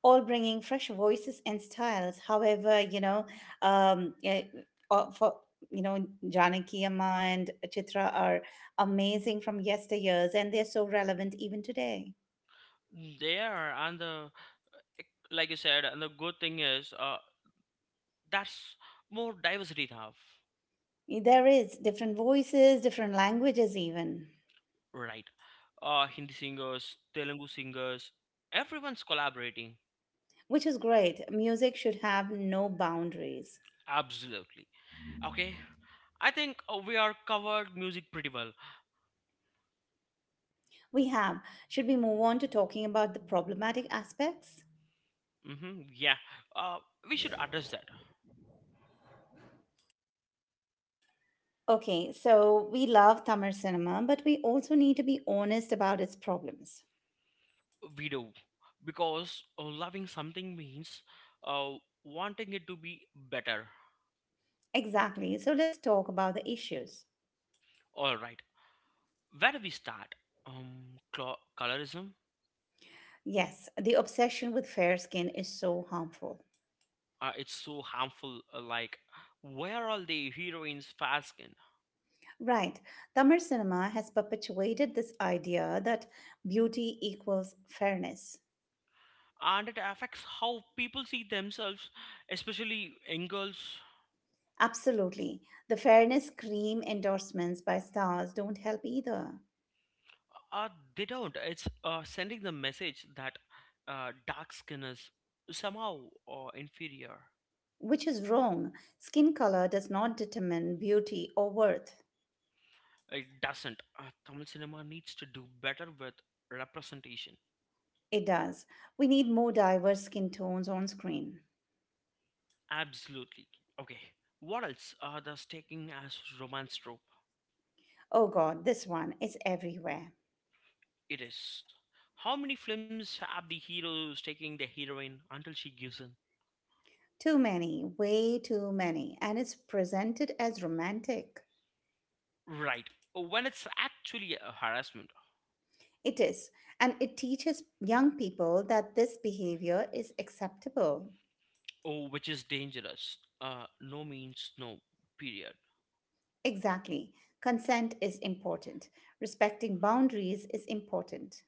Speaker 1: All bringing fresh voices and styles. However, yeah, for Janaki Amma and Chitra are amazing from yesteryears, and they're so relevant even today.
Speaker 2: There and the, like you said, and the good thing is, that's more diversity now,
Speaker 1: There is different voices, different languages, even,
Speaker 2: right? Hindi singers, Telugu singers, everyone's collaborating.
Speaker 1: which is great. Music should have no boundaries.
Speaker 2: Absolutely. Okay. I think we are covered music pretty well.
Speaker 1: We have. Should we move on to talking about the problematic aspects?
Speaker 2: Mm-hmm. Yeah, uh, we should address that.
Speaker 1: Okay, so we love Tamil cinema, but we also need to be honest about its problems.
Speaker 2: We do, because loving something means uh, wanting it to be better.
Speaker 1: Exactly. So let's talk about the issues.
Speaker 2: All right, where do we start? Colorism.
Speaker 1: Yes, the obsession with fair skin is so harmful.
Speaker 2: It's so harmful. Like, where are the heroines fair skin?
Speaker 1: Right. Tamil cinema has perpetuated this idea that beauty equals fairness.
Speaker 2: And it affects how people see themselves, especially young girls.
Speaker 1: Absolutely. The fairness cream endorsements by stars don't help either,
Speaker 2: Uh, they don't. It's sending the message that dark skin is somehow inferior.
Speaker 1: which is wrong. Skin color does not determine beauty or worth.
Speaker 2: It doesn't. Tamil cinema needs to do better with representation.
Speaker 1: It does. We need more diverse skin tones on screen.
Speaker 2: Absolutely. Okay. What else are they taking as romance trope?
Speaker 1: Oh god, this one is everywhere.
Speaker 2: It is. How many films have the heroes taking the heroine until she gives in?
Speaker 1: Too many, way too many, and it's presented as romantic.
Speaker 2: Right. When it's actually a harassment,
Speaker 1: It is, and it teaches young people that this behavior is acceptable.
Speaker 2: oh, which is dangerous. No means no. Period.
Speaker 1: Exactly. Consent is important, respecting boundaries is important.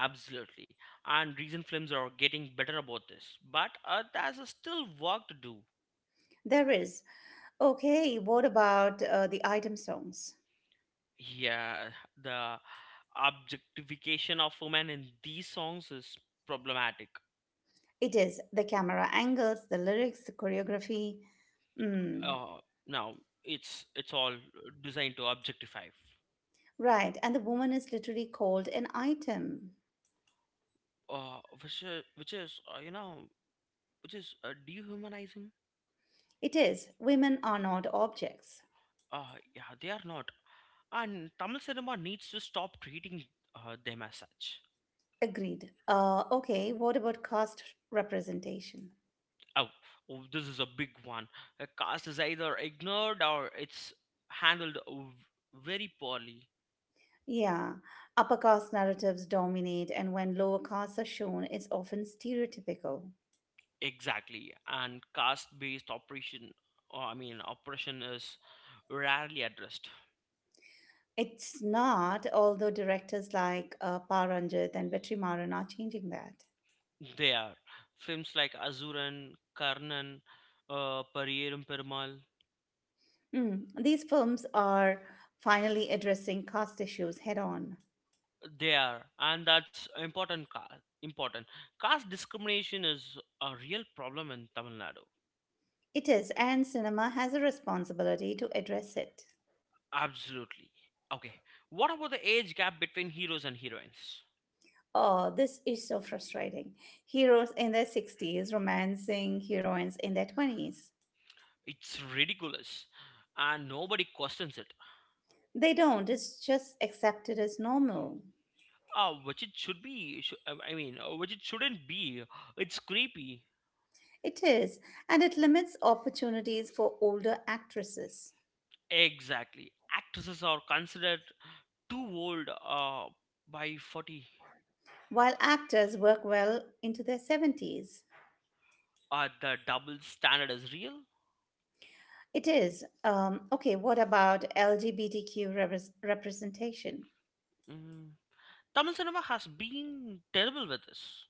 Speaker 2: Absolutely. And recent films are getting better about this, but there's still work to do.
Speaker 1: There is, okay, what about the item songs?
Speaker 2: Yeah, the objectification of women in these songs is problematic.
Speaker 1: It is the camera angles, the lyrics, the choreography. Mm,
Speaker 2: Uh, Now it's all designed to objectify,
Speaker 1: right, and the woman is literally called an item.
Speaker 2: which is which is dehumanizing.
Speaker 1: It is, women are not objects.
Speaker 2: Yeah, they are not, and Tamil cinema needs to stop treating them as such.
Speaker 1: Agreed. Okay, what about caste representation?
Speaker 2: Oh, oh, this is a big one. A caste is either ignored or it's handled very poorly.
Speaker 1: Yeah, upper caste narratives dominate, and when lower castes are shown, it's often stereotypical.
Speaker 2: Exactly, and caste-based operation, or I mean, oppression is rarely addressed.
Speaker 1: It's not, although directors like Paranjit and Vetrimaran are changing that.
Speaker 2: They are films like Azuran, Karnan, Pariyerum Perumal.
Speaker 1: Mm, these films are finally addressing caste issues head on.
Speaker 2: They are, and that's important. Important caste discrimination is a real problem in Tamil Nadu.
Speaker 1: It is, and cinema has a responsibility to address it.
Speaker 2: Absolutely. Okay, what about the age gap between heroes and heroines?
Speaker 1: Oh, this is so frustrating. Heroes in their 60s romancing heroines in their 20s.
Speaker 2: It's ridiculous, and nobody questions it.
Speaker 1: They don't, it's just accepted as normal.
Speaker 2: Which it should be. I mean, which it shouldn't be. It's creepy.
Speaker 1: It is, and it limits opportunities for older actresses,
Speaker 2: Exactly. Actresses are considered too old by 40.
Speaker 1: while actors work well into their 70s.
Speaker 2: The double standard is real.
Speaker 1: It is. Okay, what about LGBTQ representation?
Speaker 2: Mm. Tamil cinema has been terrible with this.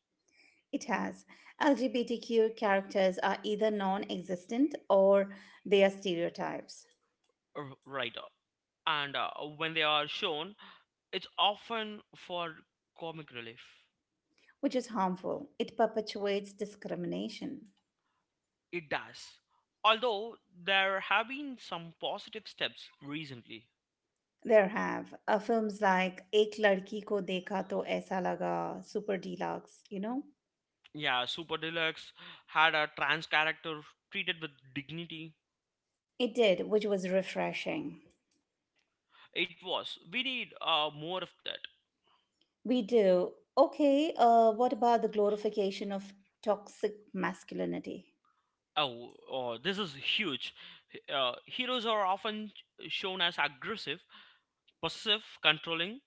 Speaker 1: It has. LGBTQ characters are either non existent or they are stereotypes.
Speaker 2: Right. And when they are shown, it's often for comic relief.
Speaker 1: Which is harmful. It perpetuates discrimination.
Speaker 2: It does. Although there have been some positive steps recently.
Speaker 1: There have films like Ek Ladki Ko Dekha To Aisa Laga, Super Deluxe, you know?
Speaker 2: Yeah, Super Deluxe had a trans character treated with dignity.
Speaker 1: It did, which was refreshing.
Speaker 2: It was. We need more of that.
Speaker 1: We do. Okay, what about the glorification of toxic masculinity?
Speaker 2: Oh, oh, this is huge. Heroes are often shown as aggressive, possessive, controlling,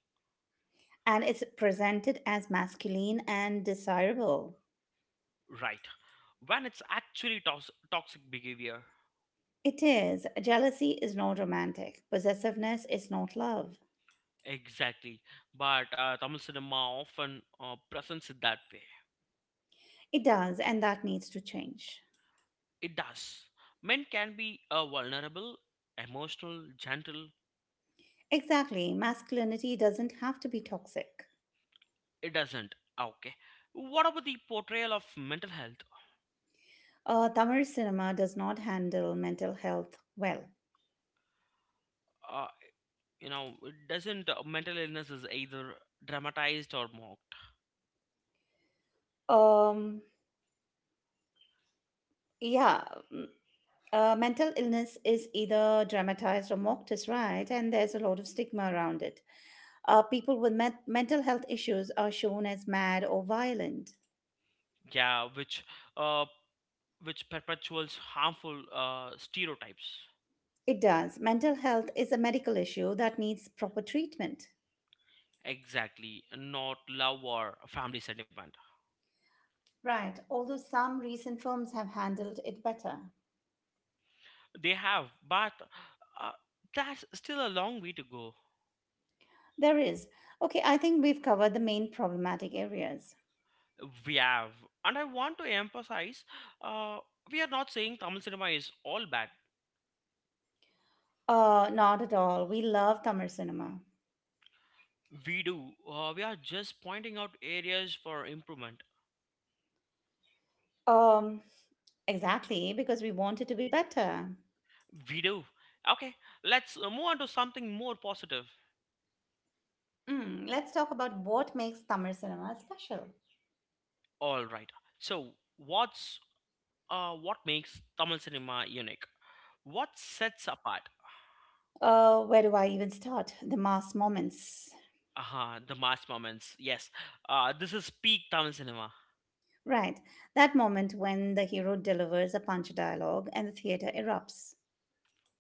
Speaker 1: And it's presented as masculine and desirable.
Speaker 2: right? When it's actually toxic behavior.
Speaker 1: It is. Jealousy is not romantic. Possessiveness is not love.
Speaker 2: Exactly. But Tamil cinema often presents it that way.
Speaker 1: It does, and that needs to change.
Speaker 2: It does. Men can be vulnerable, emotional, gentle.
Speaker 1: Exactly. Masculinity doesn't have to be toxic.
Speaker 2: It doesn't. Okay. What about the portrayal of mental health?
Speaker 1: Tamil cinema does not handle mental health well.
Speaker 2: Uh, you know, it doesn't. Mental illness is either dramatized or mocked?
Speaker 1: Um, yeah, mental illness is either dramatized or mocked as right, and there's a lot of stigma around it. People with mental health issues are shown as mad or violent.
Speaker 2: Yeah, uh, which perpetuates harmful stereotypes.
Speaker 1: It does. Mental health is a medical issue that needs proper treatment.
Speaker 2: Exactly, not love or family sentiment.
Speaker 1: Right, although some recent films have handled it better.
Speaker 2: They have, but uh, that's still a long way to go.
Speaker 1: There is. Okay, I think we've covered the main problematic areas.
Speaker 2: We have, and I want to emphasize, uh, we are not saying Tamil cinema is all bad.
Speaker 1: Not at all. We love Tamil cinema.
Speaker 2: We do. We are just pointing out areas for improvement.
Speaker 1: Um, exactly, because we want it to be better.
Speaker 2: We do. Okay, let's move on to something more positive.
Speaker 1: Mm, let's talk about what makes Tamil cinema special.
Speaker 2: All right. So, what's what makes Tamil cinema unique? What sets apart?
Speaker 1: Where do I even start? The mass moments.
Speaker 2: Uh-huh, the mass moments. Yes. This is peak Tamil cinema.
Speaker 1: Right, that moment when the hero delivers a punch dialogue and the theater erupts.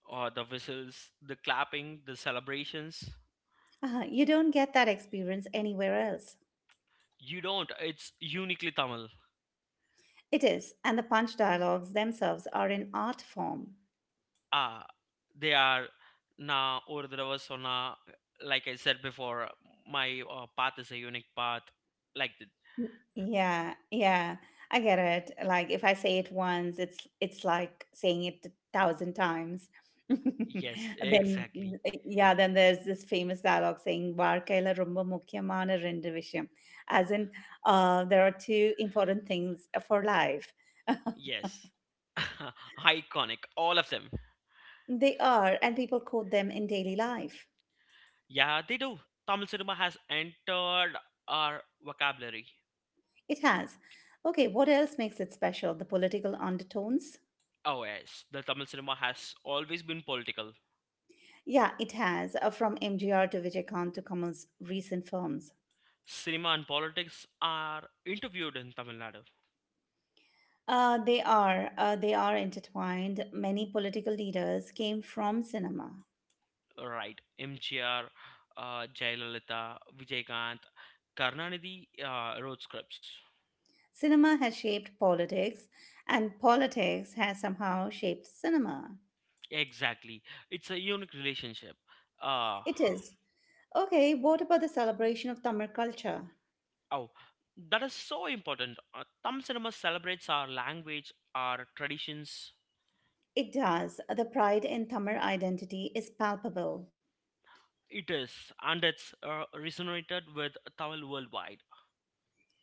Speaker 2: The whistles, the clapping, the celebrations.
Speaker 1: You don't get that experience anywhere else.
Speaker 2: You don't. It's uniquely Tamil.
Speaker 1: It is, and the punch dialogues themselves are in art form.
Speaker 2: uh, they are now or so, like I said before, my path is a unique path, like the...
Speaker 1: Yeah, yeah, I get it. Like if I say it once, it's like saying it a thousand times. *laughs*
Speaker 2: Yes,
Speaker 1: Then
Speaker 2: exactly.
Speaker 1: yeah, then there's this famous dialogue saying "varkaila romba mukkiyamaana rendu vishayam," as in there are two important things for life.
Speaker 2: Yes. *laughs* Iconic, all of them.
Speaker 1: They are, and people quote them in daily life.
Speaker 2: Yeah, they do. Tamil cinema has entered our vocabulary.
Speaker 1: It has. Okay, what else makes it special? The political undertones?
Speaker 2: Oh yes, the Tamil cinema has always been political.
Speaker 1: Yeah, it has, from MGR to Vijaykant to Kamal's recent films.
Speaker 2: Cinema and politics are interviewed in Tamil Nadu.
Speaker 1: They are. They are intertwined. Many political leaders came from cinema.
Speaker 2: Right. MGR, Jayalalitha, Vijaykant, Karnanidhi wrote scripts.
Speaker 1: Cinema has shaped politics, and politics has somehow shaped cinema.
Speaker 2: Exactly. It's a unique relationship. Uh,
Speaker 1: It is. Okay, what about the celebration of Tamil culture?
Speaker 2: oh, that is so important. Thumb cinema celebrates our language, our traditions.
Speaker 1: It does. The pride in Tamil identity is palpable.
Speaker 2: It is, and it's resonated with Tamil worldwide.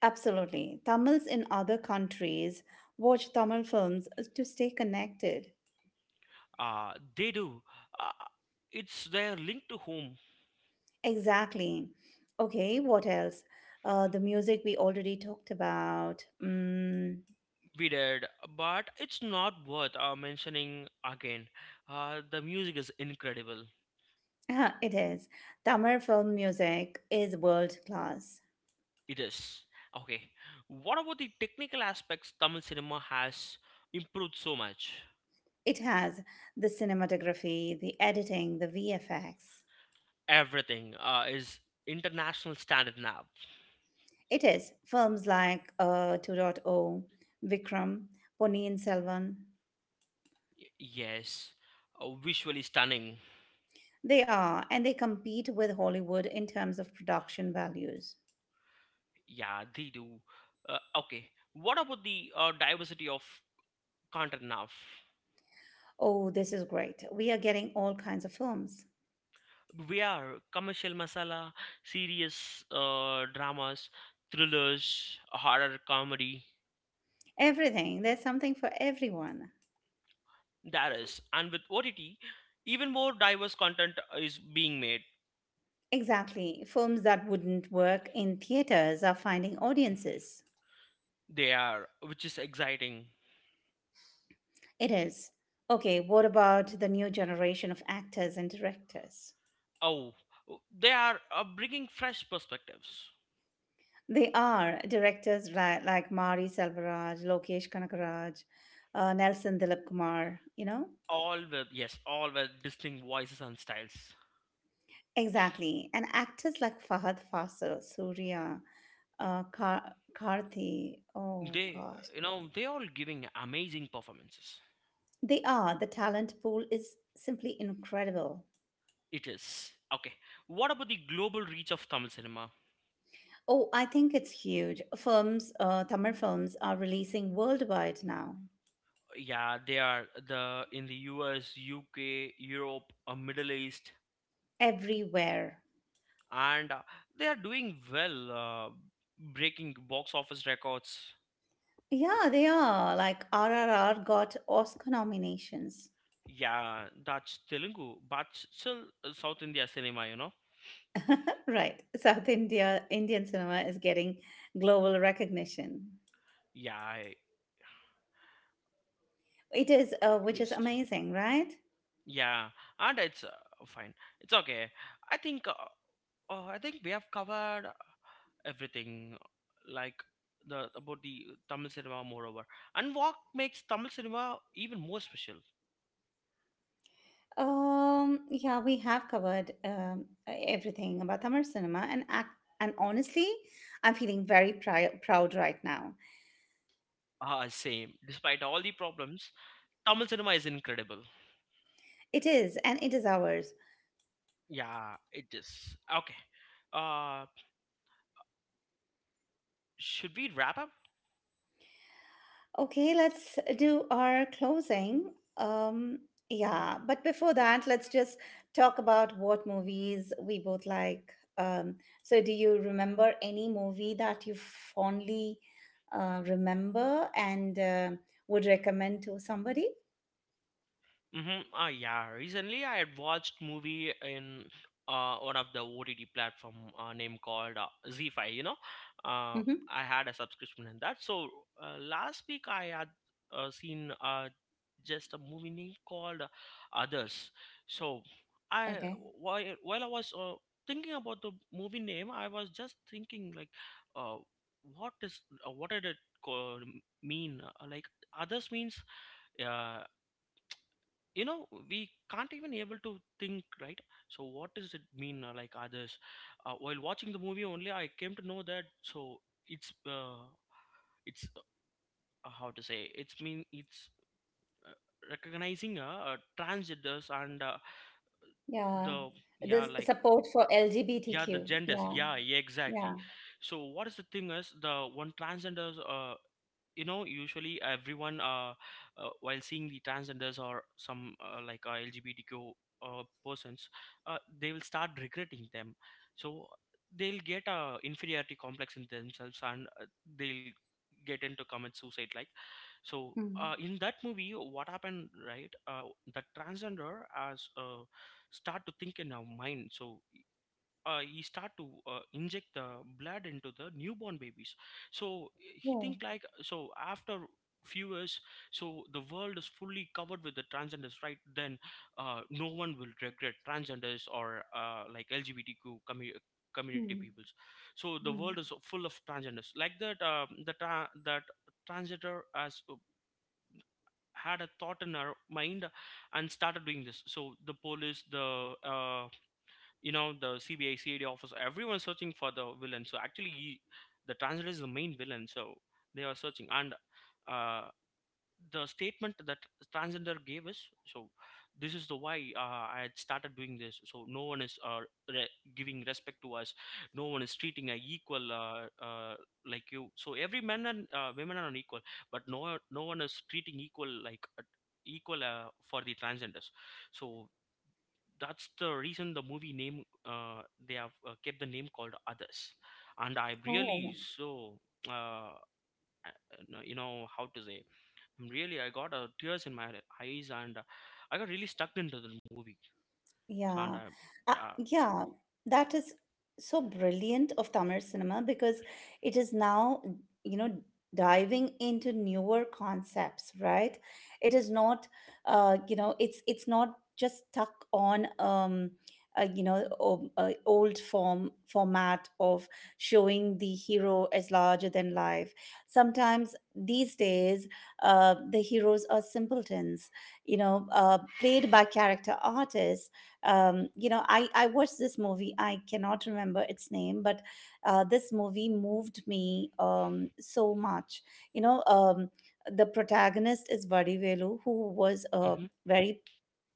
Speaker 1: Absolutely. Tamils in other countries watch Tamil films to stay connected.
Speaker 2: They do. Uh, it's their link to home.
Speaker 1: Exactly. Okay, what else? The music we already talked about. Mm,
Speaker 2: We did, but it's not worth mentioning again. The music is incredible.
Speaker 1: ah, it is. Tamil film music is world class.
Speaker 2: It is. Okay. What about the technical aspects? Tamil cinema has improved so much.
Speaker 1: It has the cinematography, the editing, the VFX.
Speaker 2: Everything is international standard now.
Speaker 1: It is. Films like 2.0, Vikram, Ponniyin Selvan.
Speaker 2: Yes. Visually stunning.
Speaker 1: They are, and they compete with Hollywood in terms of production values.
Speaker 2: Yeah, they do. Okay. What about the diversity of content now?
Speaker 1: Oh, this is great. We are getting all kinds of films.
Speaker 2: We are commercial masala, serious dramas, thrillers, horror comedy.
Speaker 1: Everything. There's something for everyone.
Speaker 2: That is, and with OTT, even more diverse content is being made.
Speaker 1: Exactly. Films that wouldn't work in theaters are finding audiences.
Speaker 2: They are, which is exciting.
Speaker 1: It is. Okay, what about the new generation of actors and directors?
Speaker 2: Oh, they are bringing fresh perspectives.
Speaker 1: They are directors like Mari Selvaraj, Lokesh Kanagaraj, Nelson Dilip Kumar, you know?
Speaker 2: All with yes, all with distinct voices and styles.
Speaker 1: Exactly. And actors like Fahad Fasil, Surya, uh, Kar- Karthi. Oh,
Speaker 2: They,
Speaker 1: gosh.
Speaker 2: you know, they all giving amazing performances.
Speaker 1: They are. The talent pool is simply incredible.
Speaker 2: It is. Okay. What about the global reach of Tamil cinema?
Speaker 1: Oh, I think it's huge. Tamil films are releasing worldwide now,
Speaker 2: Yeah, they are, the in the US, UK, Europe, Middle East,
Speaker 1: everywhere.
Speaker 2: and they are doing well, breaking box office records.
Speaker 1: Yeah, they are. Like RRR got Oscar nominations.
Speaker 2: Yeah, that's Telugu, but still South India cinema, you know.
Speaker 1: Right. *laughs* Indian cinema is getting global recognition.
Speaker 2: Yeah,
Speaker 1: It is,
Speaker 2: it
Speaker 1: which is
Speaker 2: is.
Speaker 1: amazing, right?
Speaker 2: Yeah, and it's fine. It's okay. I think uh, uh, i think we have covered everything, like the about the Tamil cinema moreover, and what makes Tamil cinema even more special.
Speaker 1: Yeah, we have covered everything about Tamil cinema and act. And honestly, I'm feeling very proud right now.
Speaker 2: Ah, same. Despite all the problems, Tamil cinema is incredible.
Speaker 1: It is, and it is ours.
Speaker 2: Yeah, it is. Okay. Uh, should we wrap up?
Speaker 1: Okay, let's do our closing. Um, yeah, but before that, let's just talk about what movies we both like. Um, so, do you remember any movie that you fondly remember and would recommend to somebody?
Speaker 2: Mm-hmm. Ah, yeah. Recently, I had watched movie in one of the OTT platform name called Z Five. You know, uh,
Speaker 1: Hmm.
Speaker 2: I had a subscription in that. So last week I had seen just a movie name called Others. So I
Speaker 1: Okay.
Speaker 2: while I was thinking about the movie name, I was just thinking like, uh, what is what did it co- mean? Like Others means uh, you know we can't even able to think right so what does it mean like others while watching the movie only I came to know that. So it's uh, it's how to say, it's mean it's uh, recognizing transgenders and
Speaker 1: Yeah.
Speaker 2: the, yeah,
Speaker 1: This
Speaker 2: like
Speaker 1: support for
Speaker 2: yeah, the
Speaker 1: LGBTQ.
Speaker 2: genders,
Speaker 1: Yeah.
Speaker 2: yeah, yeah,
Speaker 1: Yeah.
Speaker 2: exactly. So what is the thing is the one transgenders, you know, usually everyone, while seeing the transgenders or some like lgbtq persons, they will start regretting them. So they'll get a inferiority complex in themselves, and they'll get into commit suicide like. So
Speaker 1: Mm.
Speaker 2: in that movie what happened right, the transgender has, start to think in our mind. So he start to inject the blood into the newborn babies. So he
Speaker 1: Yeah.
Speaker 2: think like, so after few years, so the world is fully covered with the transgenders right, then no one will regret transgenders or like lgbtq community
Speaker 1: Mm.
Speaker 2: peoples. So the
Speaker 1: Mm.
Speaker 2: world is full of transgenders like that. That transgender has had a thought in her mind and started doing this. So the police, the you know, the CBI CID officer everyone's searching for the villain. So actually he, the transgender is the main villain, so they are searching. And uh, the statement that transgender gave us, so this is the why I had started doing this, so no one is re- giving respect to us, no one is treating a equal like you. So every man and women are unequal, but no, no one is treating equal like equal for the transgenders. So that's the reason the movie name, they have kept the name called Others. And I
Speaker 1: Oh.
Speaker 2: really so uh, you know, how to say, I'm really, I got tears in my eyes, and I got really stuck into the movie. So and
Speaker 1: Yeah.
Speaker 2: I uh,
Speaker 1: Yeah, that is so brilliant of Tamil cinema because it is now, you know, diving into newer concepts, right? It is not, it's not just stuck on, old format of showing the hero as larger than life. Sometimes these days, the heroes are simpletons, you know, played by character artists. You know, I watched this movie. I cannot remember its name, but this movie moved me so much. you know um, the protagonist is Vadivelu, who was a
Speaker 2: hmm.
Speaker 1: very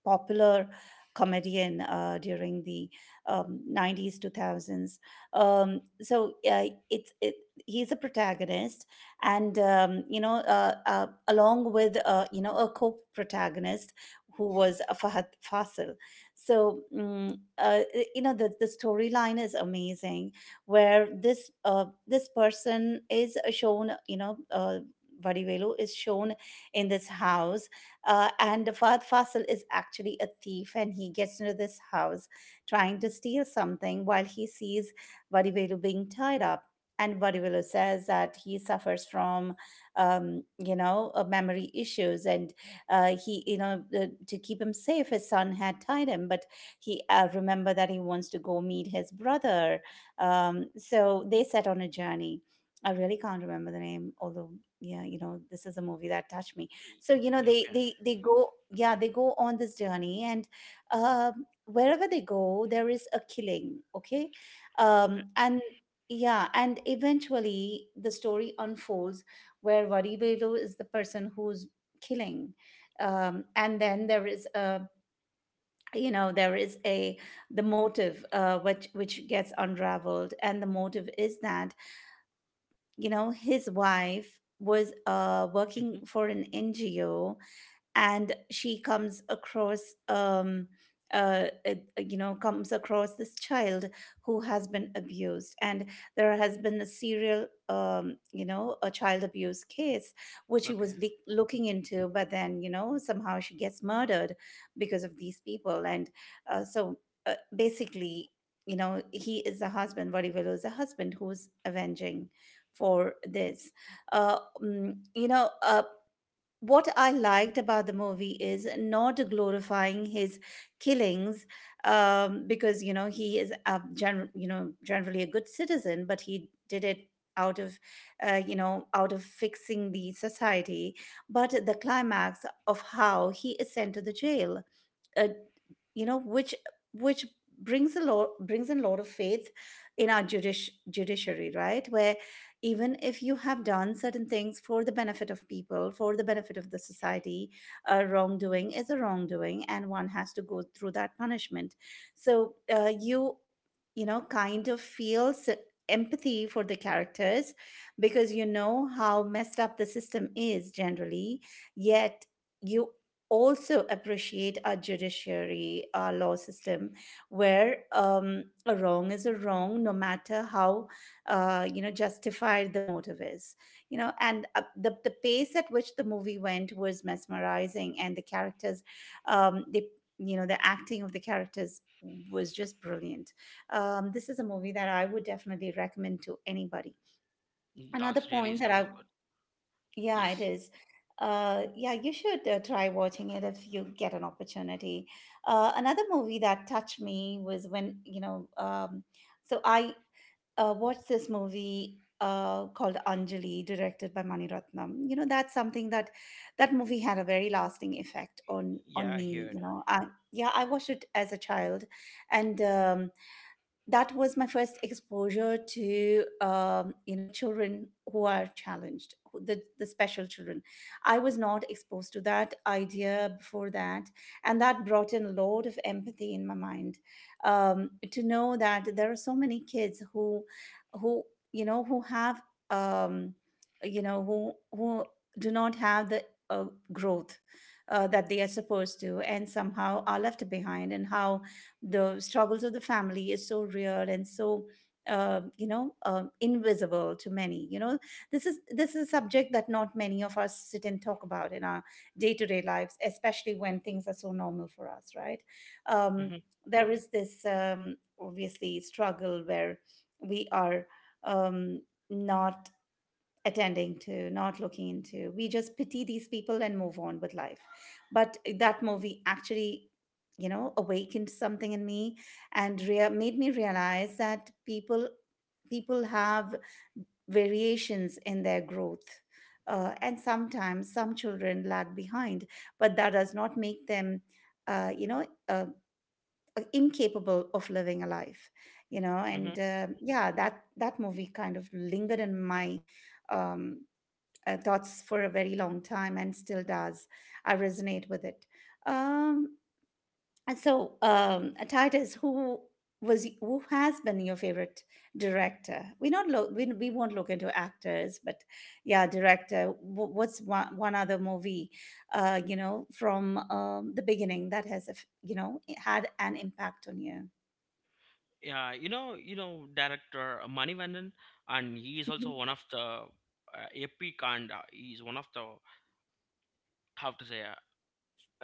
Speaker 1: popular comedian during the 90s, 2000s. um, so uh, it's it, he's a protagonist, and along with a co-protagonist who was Fahad Fasil. so mm, uh, you know, the storyline is amazing, where this person is shown, Vadivelu is shown in this house, and Fahad Fasil is actually a thief, and he gets into this house trying to steal something, while he sees Vadivelu being tied up. And Vadivelu says that he suffers from, you know, memory issues, and he, you know, the, to keep him safe, his son had tied him, but he remember that he wants to go meet his brother. So they set on a journey. I really can't remember the name, although yeah, you know, this is a movie that touched me. So you know
Speaker 2: Yeah, okay.
Speaker 1: they go yeah they go on this journey, and wherever they go there is a killing. Okay.
Speaker 2: Okay.
Speaker 1: And Yeah, and eventually the story unfolds, where Varivelu is the person who's killing. And then there is a, you know there is a the motive, which gets unraveled, and the motive is that, you know, his wife was
Speaker 2: Hmm.
Speaker 1: working for an NGO, and she comes across, you know, comes across this child who has been abused, and there has been a serial, you know, a child abuse case which she was
Speaker 2: Okay.
Speaker 1: looking into, but then, you know, somehow she gets murdered because of these people. And uh, so basically, you know, he is the husband. Vadivello is the husband who's avenging for this. uh mm, you know uh what I liked about the movie is not glorifying his killings, because, you know, he is a you know, generally a good citizen, but he did it out of you know, out of fixing the society. But the climax of how he is sent to the jail, uh, you know, which brings a lot, brings in a lot of faith in our judish judiciary, right? Where even if you have done certain things for the benefit of people, for the benefit of the society, a wrongdoing is a wrongdoing, and one has to go through that punishment. So you, you know, kind of feel empathy for the characters, because, you know, how messed up the system is generally. Yet you also appreciate our judiciary, our law system, where a wrong is a wrong, no matter how you know, justified the motive is. You know, and the pace at which the movie went was mesmerizing, and the characters, they you know, the acting of the characters was just brilliant. This is a movie that I would definitely recommend to anybody. Another
Speaker 2: That's really
Speaker 1: point that I,
Speaker 2: sounds good.
Speaker 1: yeah, it
Speaker 2: Yes.
Speaker 1: is. Yeah, you should try watching it if you get an opportunity. Another movie that touched me was when, you know, so I watched this movie called Anjali, directed by Mani Ratnam. You know, that's something that, that movie had a very lasting effect
Speaker 2: Yeah,
Speaker 1: on
Speaker 2: I
Speaker 1: me.
Speaker 2: heard.
Speaker 1: You know, I, yeah, I watched it as a child, and that was my first exposure to, you know, children who are challenged, the special children. I was not exposed to that idea before that, and that brought in a lot of empathy in my mind, to know that there are so many kids who, you know, who have, um, you know, who do not have the uh, growth that they are supposed to, and somehow are left behind, and how the struggles of the family is so real, and so, you know, invisible to many. You know, this is, this is a subject that not many of us sit and talk about in our day-to-day lives, especially when things are so normal for us, right? um,
Speaker 2: Hmm.
Speaker 1: there is this, obviously, struggle where we are, um, not attending to, not looking into. We just pity these people and move on with life. But eh, that movie actually, you know, awakened something in me, and made me realize that people, people have variations in their growth. And sometimes some children lag behind, but that does not make them, uh, you know, uh, incapable of living a life, you know.
Speaker 2: Hmm.
Speaker 1: And yeah, that, that movie kind of lingered in my, um, thoughts for a very long time, and still does. I resonate with it. Um, and so, Titus, who was, who has been your favorite director? We not look, we won't look into actors, but yeah, director. What's one, one other movie, you know, from, the beginning, that has you know, had an impact on you?
Speaker 2: Yeah, you know, director Manivandan, and he is also
Speaker 1: Mhm.
Speaker 2: one of the epic, and he is one of the, how to say, uh,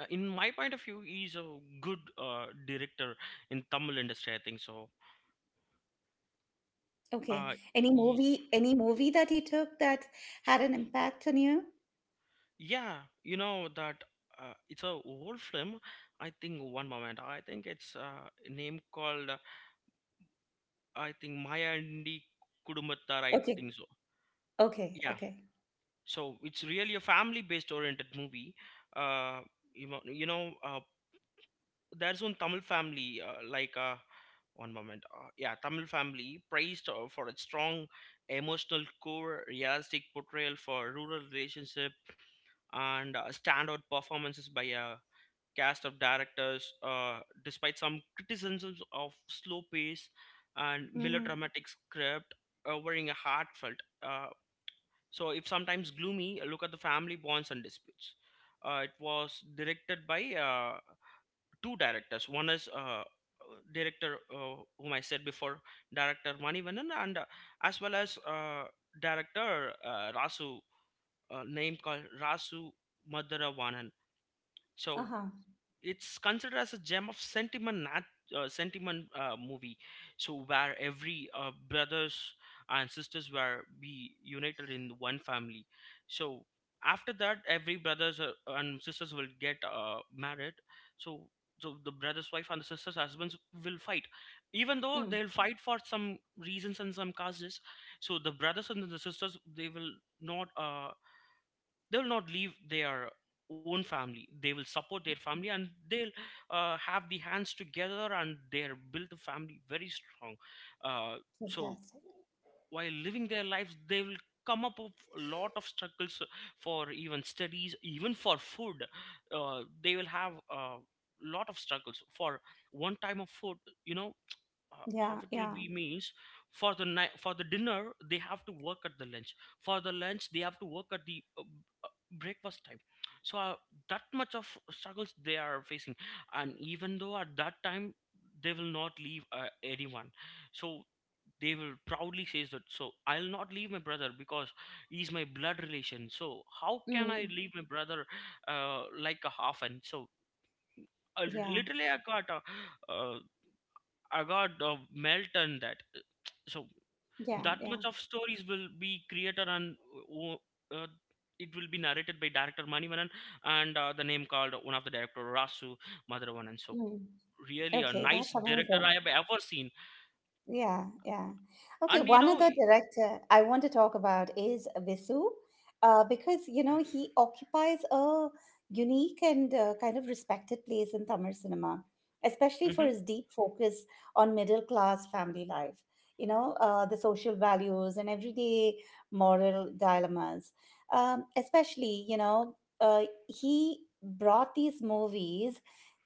Speaker 2: uh, in my point of view, he is a good director in Tamil industry I think so.
Speaker 1: Okay,
Speaker 2: uh, he-
Speaker 1: any movie that you took that had an impact on you?
Speaker 2: yeah, you know that, it's a old film. I think one moment, I think it's a name called, I think Maya and Kudumbattar, I
Speaker 1: Okay,
Speaker 2: think so.
Speaker 1: okay,
Speaker 2: Yeah,
Speaker 1: okay.
Speaker 2: so it's really a family based oriented movie. uh you know, there's one Tamil family like one moment yeah, Tamil family praised for its strong emotional core, realistic portrayal for rural relationship, and standout performances by a cast of directors, uh, despite some criticisms of slow pace and
Speaker 1: Mm-hmm.
Speaker 2: melodramatic script, offering a heartfelt, uh, so, if sometimes gloomy, look at the family bonds and disputes. It was directed by two directors. One is director whom I said before, director Manivannan, and as well as director Rasu, name called Rasu Madhuravanan. So
Speaker 1: Uh-huh.
Speaker 2: it's considered as a gem of sentiment sentiment movie, so where every brothers and sisters were be united in one family. So after that, every brothers and sisters will get married. So so the brother's wife and the sister's husbands will fight, even though
Speaker 1: Mm,
Speaker 2: they'll fight for some reasons and some causes. So the brothers and the sisters, not uh, they will not leave their own family. They will support their family, and they'll have the hands together, and they'll build the family very strong. uh, so
Speaker 1: fantastic.
Speaker 2: while living their lives, they will come up with a lot of struggles, for even studies, even for food. They will have a lot of struggles for one time of food, you know. uh, how it
Speaker 1: Yeah,
Speaker 2: will
Speaker 1: yeah.
Speaker 2: be means, for the night, for the dinner, they have to work at the lunch. For the lunch, they have to work at the breakfast time. So that much of struggles they are facing, and even though at that time they will not leave anyone. So they will proudly say that, so I'll not leave my brother, because he's my blood relation, so how can I
Speaker 1: Mm,
Speaker 2: leave my brother? Like a half, and so
Speaker 1: yeah,
Speaker 2: literally I got I got melt and that. So
Speaker 1: yeah,
Speaker 2: that
Speaker 1: yeah.
Speaker 2: much of stories will be created, and uh, uh, it will be narrated by director Manivanan, and the name called one of the director Rasu Madhavanan. So
Speaker 1: Mm.
Speaker 2: really a
Speaker 1: Okay,
Speaker 2: nice
Speaker 1: that's
Speaker 2: director I
Speaker 1: amazing.
Speaker 2: have ever seen.
Speaker 1: Yeah, yeah. Okay,
Speaker 2: And you
Speaker 1: one
Speaker 2: know,
Speaker 1: other director I want to talk about is Visu, because, you know, he occupies a unique and kind of respected place in Tamil cinema, especially for
Speaker 2: hmm.
Speaker 1: his deep focus on middle class family life. You know, the social values and everyday moral dilemmas. Especially, you know, he brought these movies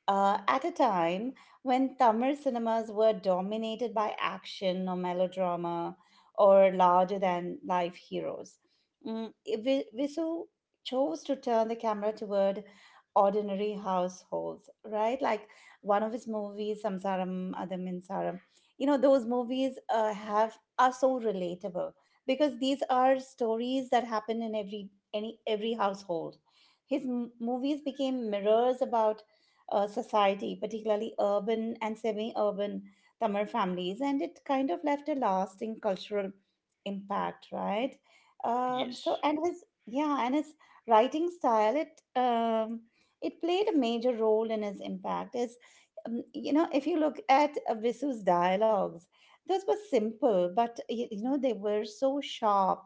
Speaker 1: at a time when Tamil cinemas were dominated by action or melodrama or larger than life heroes. Mm, Visu chose to turn the camera toward ordinary households, right? Like one of his movies, Samsaram Adam Saram. You know, those movies have are so relatable, because these are stories that happen in every, any, every household. His movies became mirrors about society, particularly urban and semi urban Tamil families, and it kind of left a lasting cultural impact, right?
Speaker 2: Yes.
Speaker 1: And his, yeah, and his writing style, it, it played a major role in his impact. Is you know, if you look at Visu's dialogues, those were simple, but you know, they were so sharp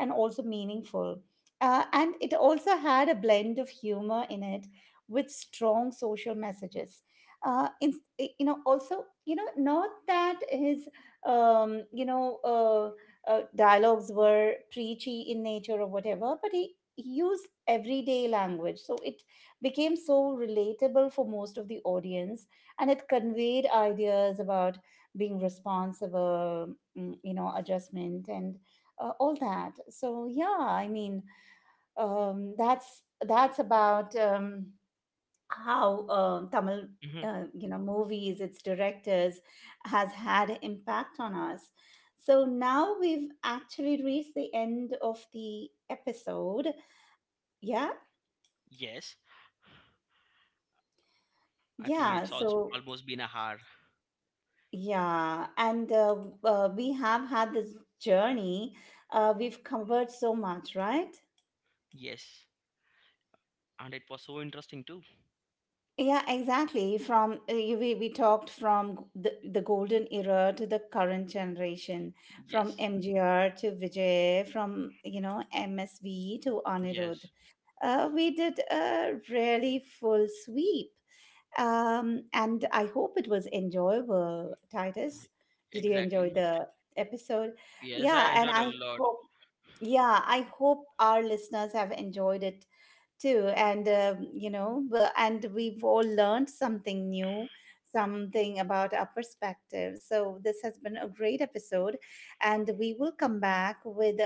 Speaker 1: and also meaningful. And it also had a blend of humor in it with strong social messages uh, in, you know, also, you know, not that his, dialogues were preachy in nature or whatever, but he used everyday language, so it became so relatable for most of the audience, and it conveyed ideas about being responsible, mm, you know, adjustment, and all that. So, yeah, I mean, that's about, how, Tamil,
Speaker 2: Hmm.
Speaker 1: you know, movies, its directors, has had impact on us. So now we've actually reached the end of the episode. Yeah,
Speaker 2: Yes, I think
Speaker 1: yeah.
Speaker 2: it's also
Speaker 1: So
Speaker 2: almost been a hour.
Speaker 1: yeah, and we have had this journey. We've covered so much, right?
Speaker 2: Yes, and it was so interesting too.
Speaker 1: Yeah, exactly. From we talked from the golden era to the current generation, from
Speaker 2: Yes.
Speaker 1: MGR to Vijay, from, you know, MSV to Anirudh.
Speaker 2: Yes,
Speaker 1: We did a really full sweep, and I hope it was enjoyable. Titus, did you enjoy
Speaker 2: exactly.
Speaker 1: the episode?
Speaker 2: Yes, I
Speaker 1: Yeah, and
Speaker 2: enjoyed a
Speaker 1: I
Speaker 2: lot.
Speaker 1: hope, yeah, I hope our listeners have enjoyed it too, and you know, and we've all learned something new, something about our perspective. So this has been a great episode, and we will come back with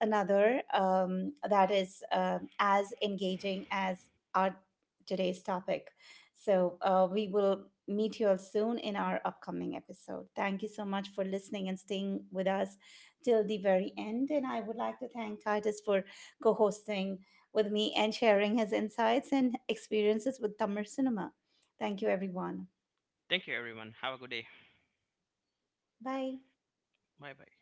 Speaker 1: another, that is, as engaging as our today's topic. So we will meet you all soon in our upcoming episode. Thank you so much for listening and staying with us till the very end, and I would like to thank Titus for co-hosting with me and sharing his insights and experiences with Tamil cinema. Thank you, everyone.
Speaker 2: Thank you, everyone. Have a good day.
Speaker 1: Bye.
Speaker 2: Bye bye.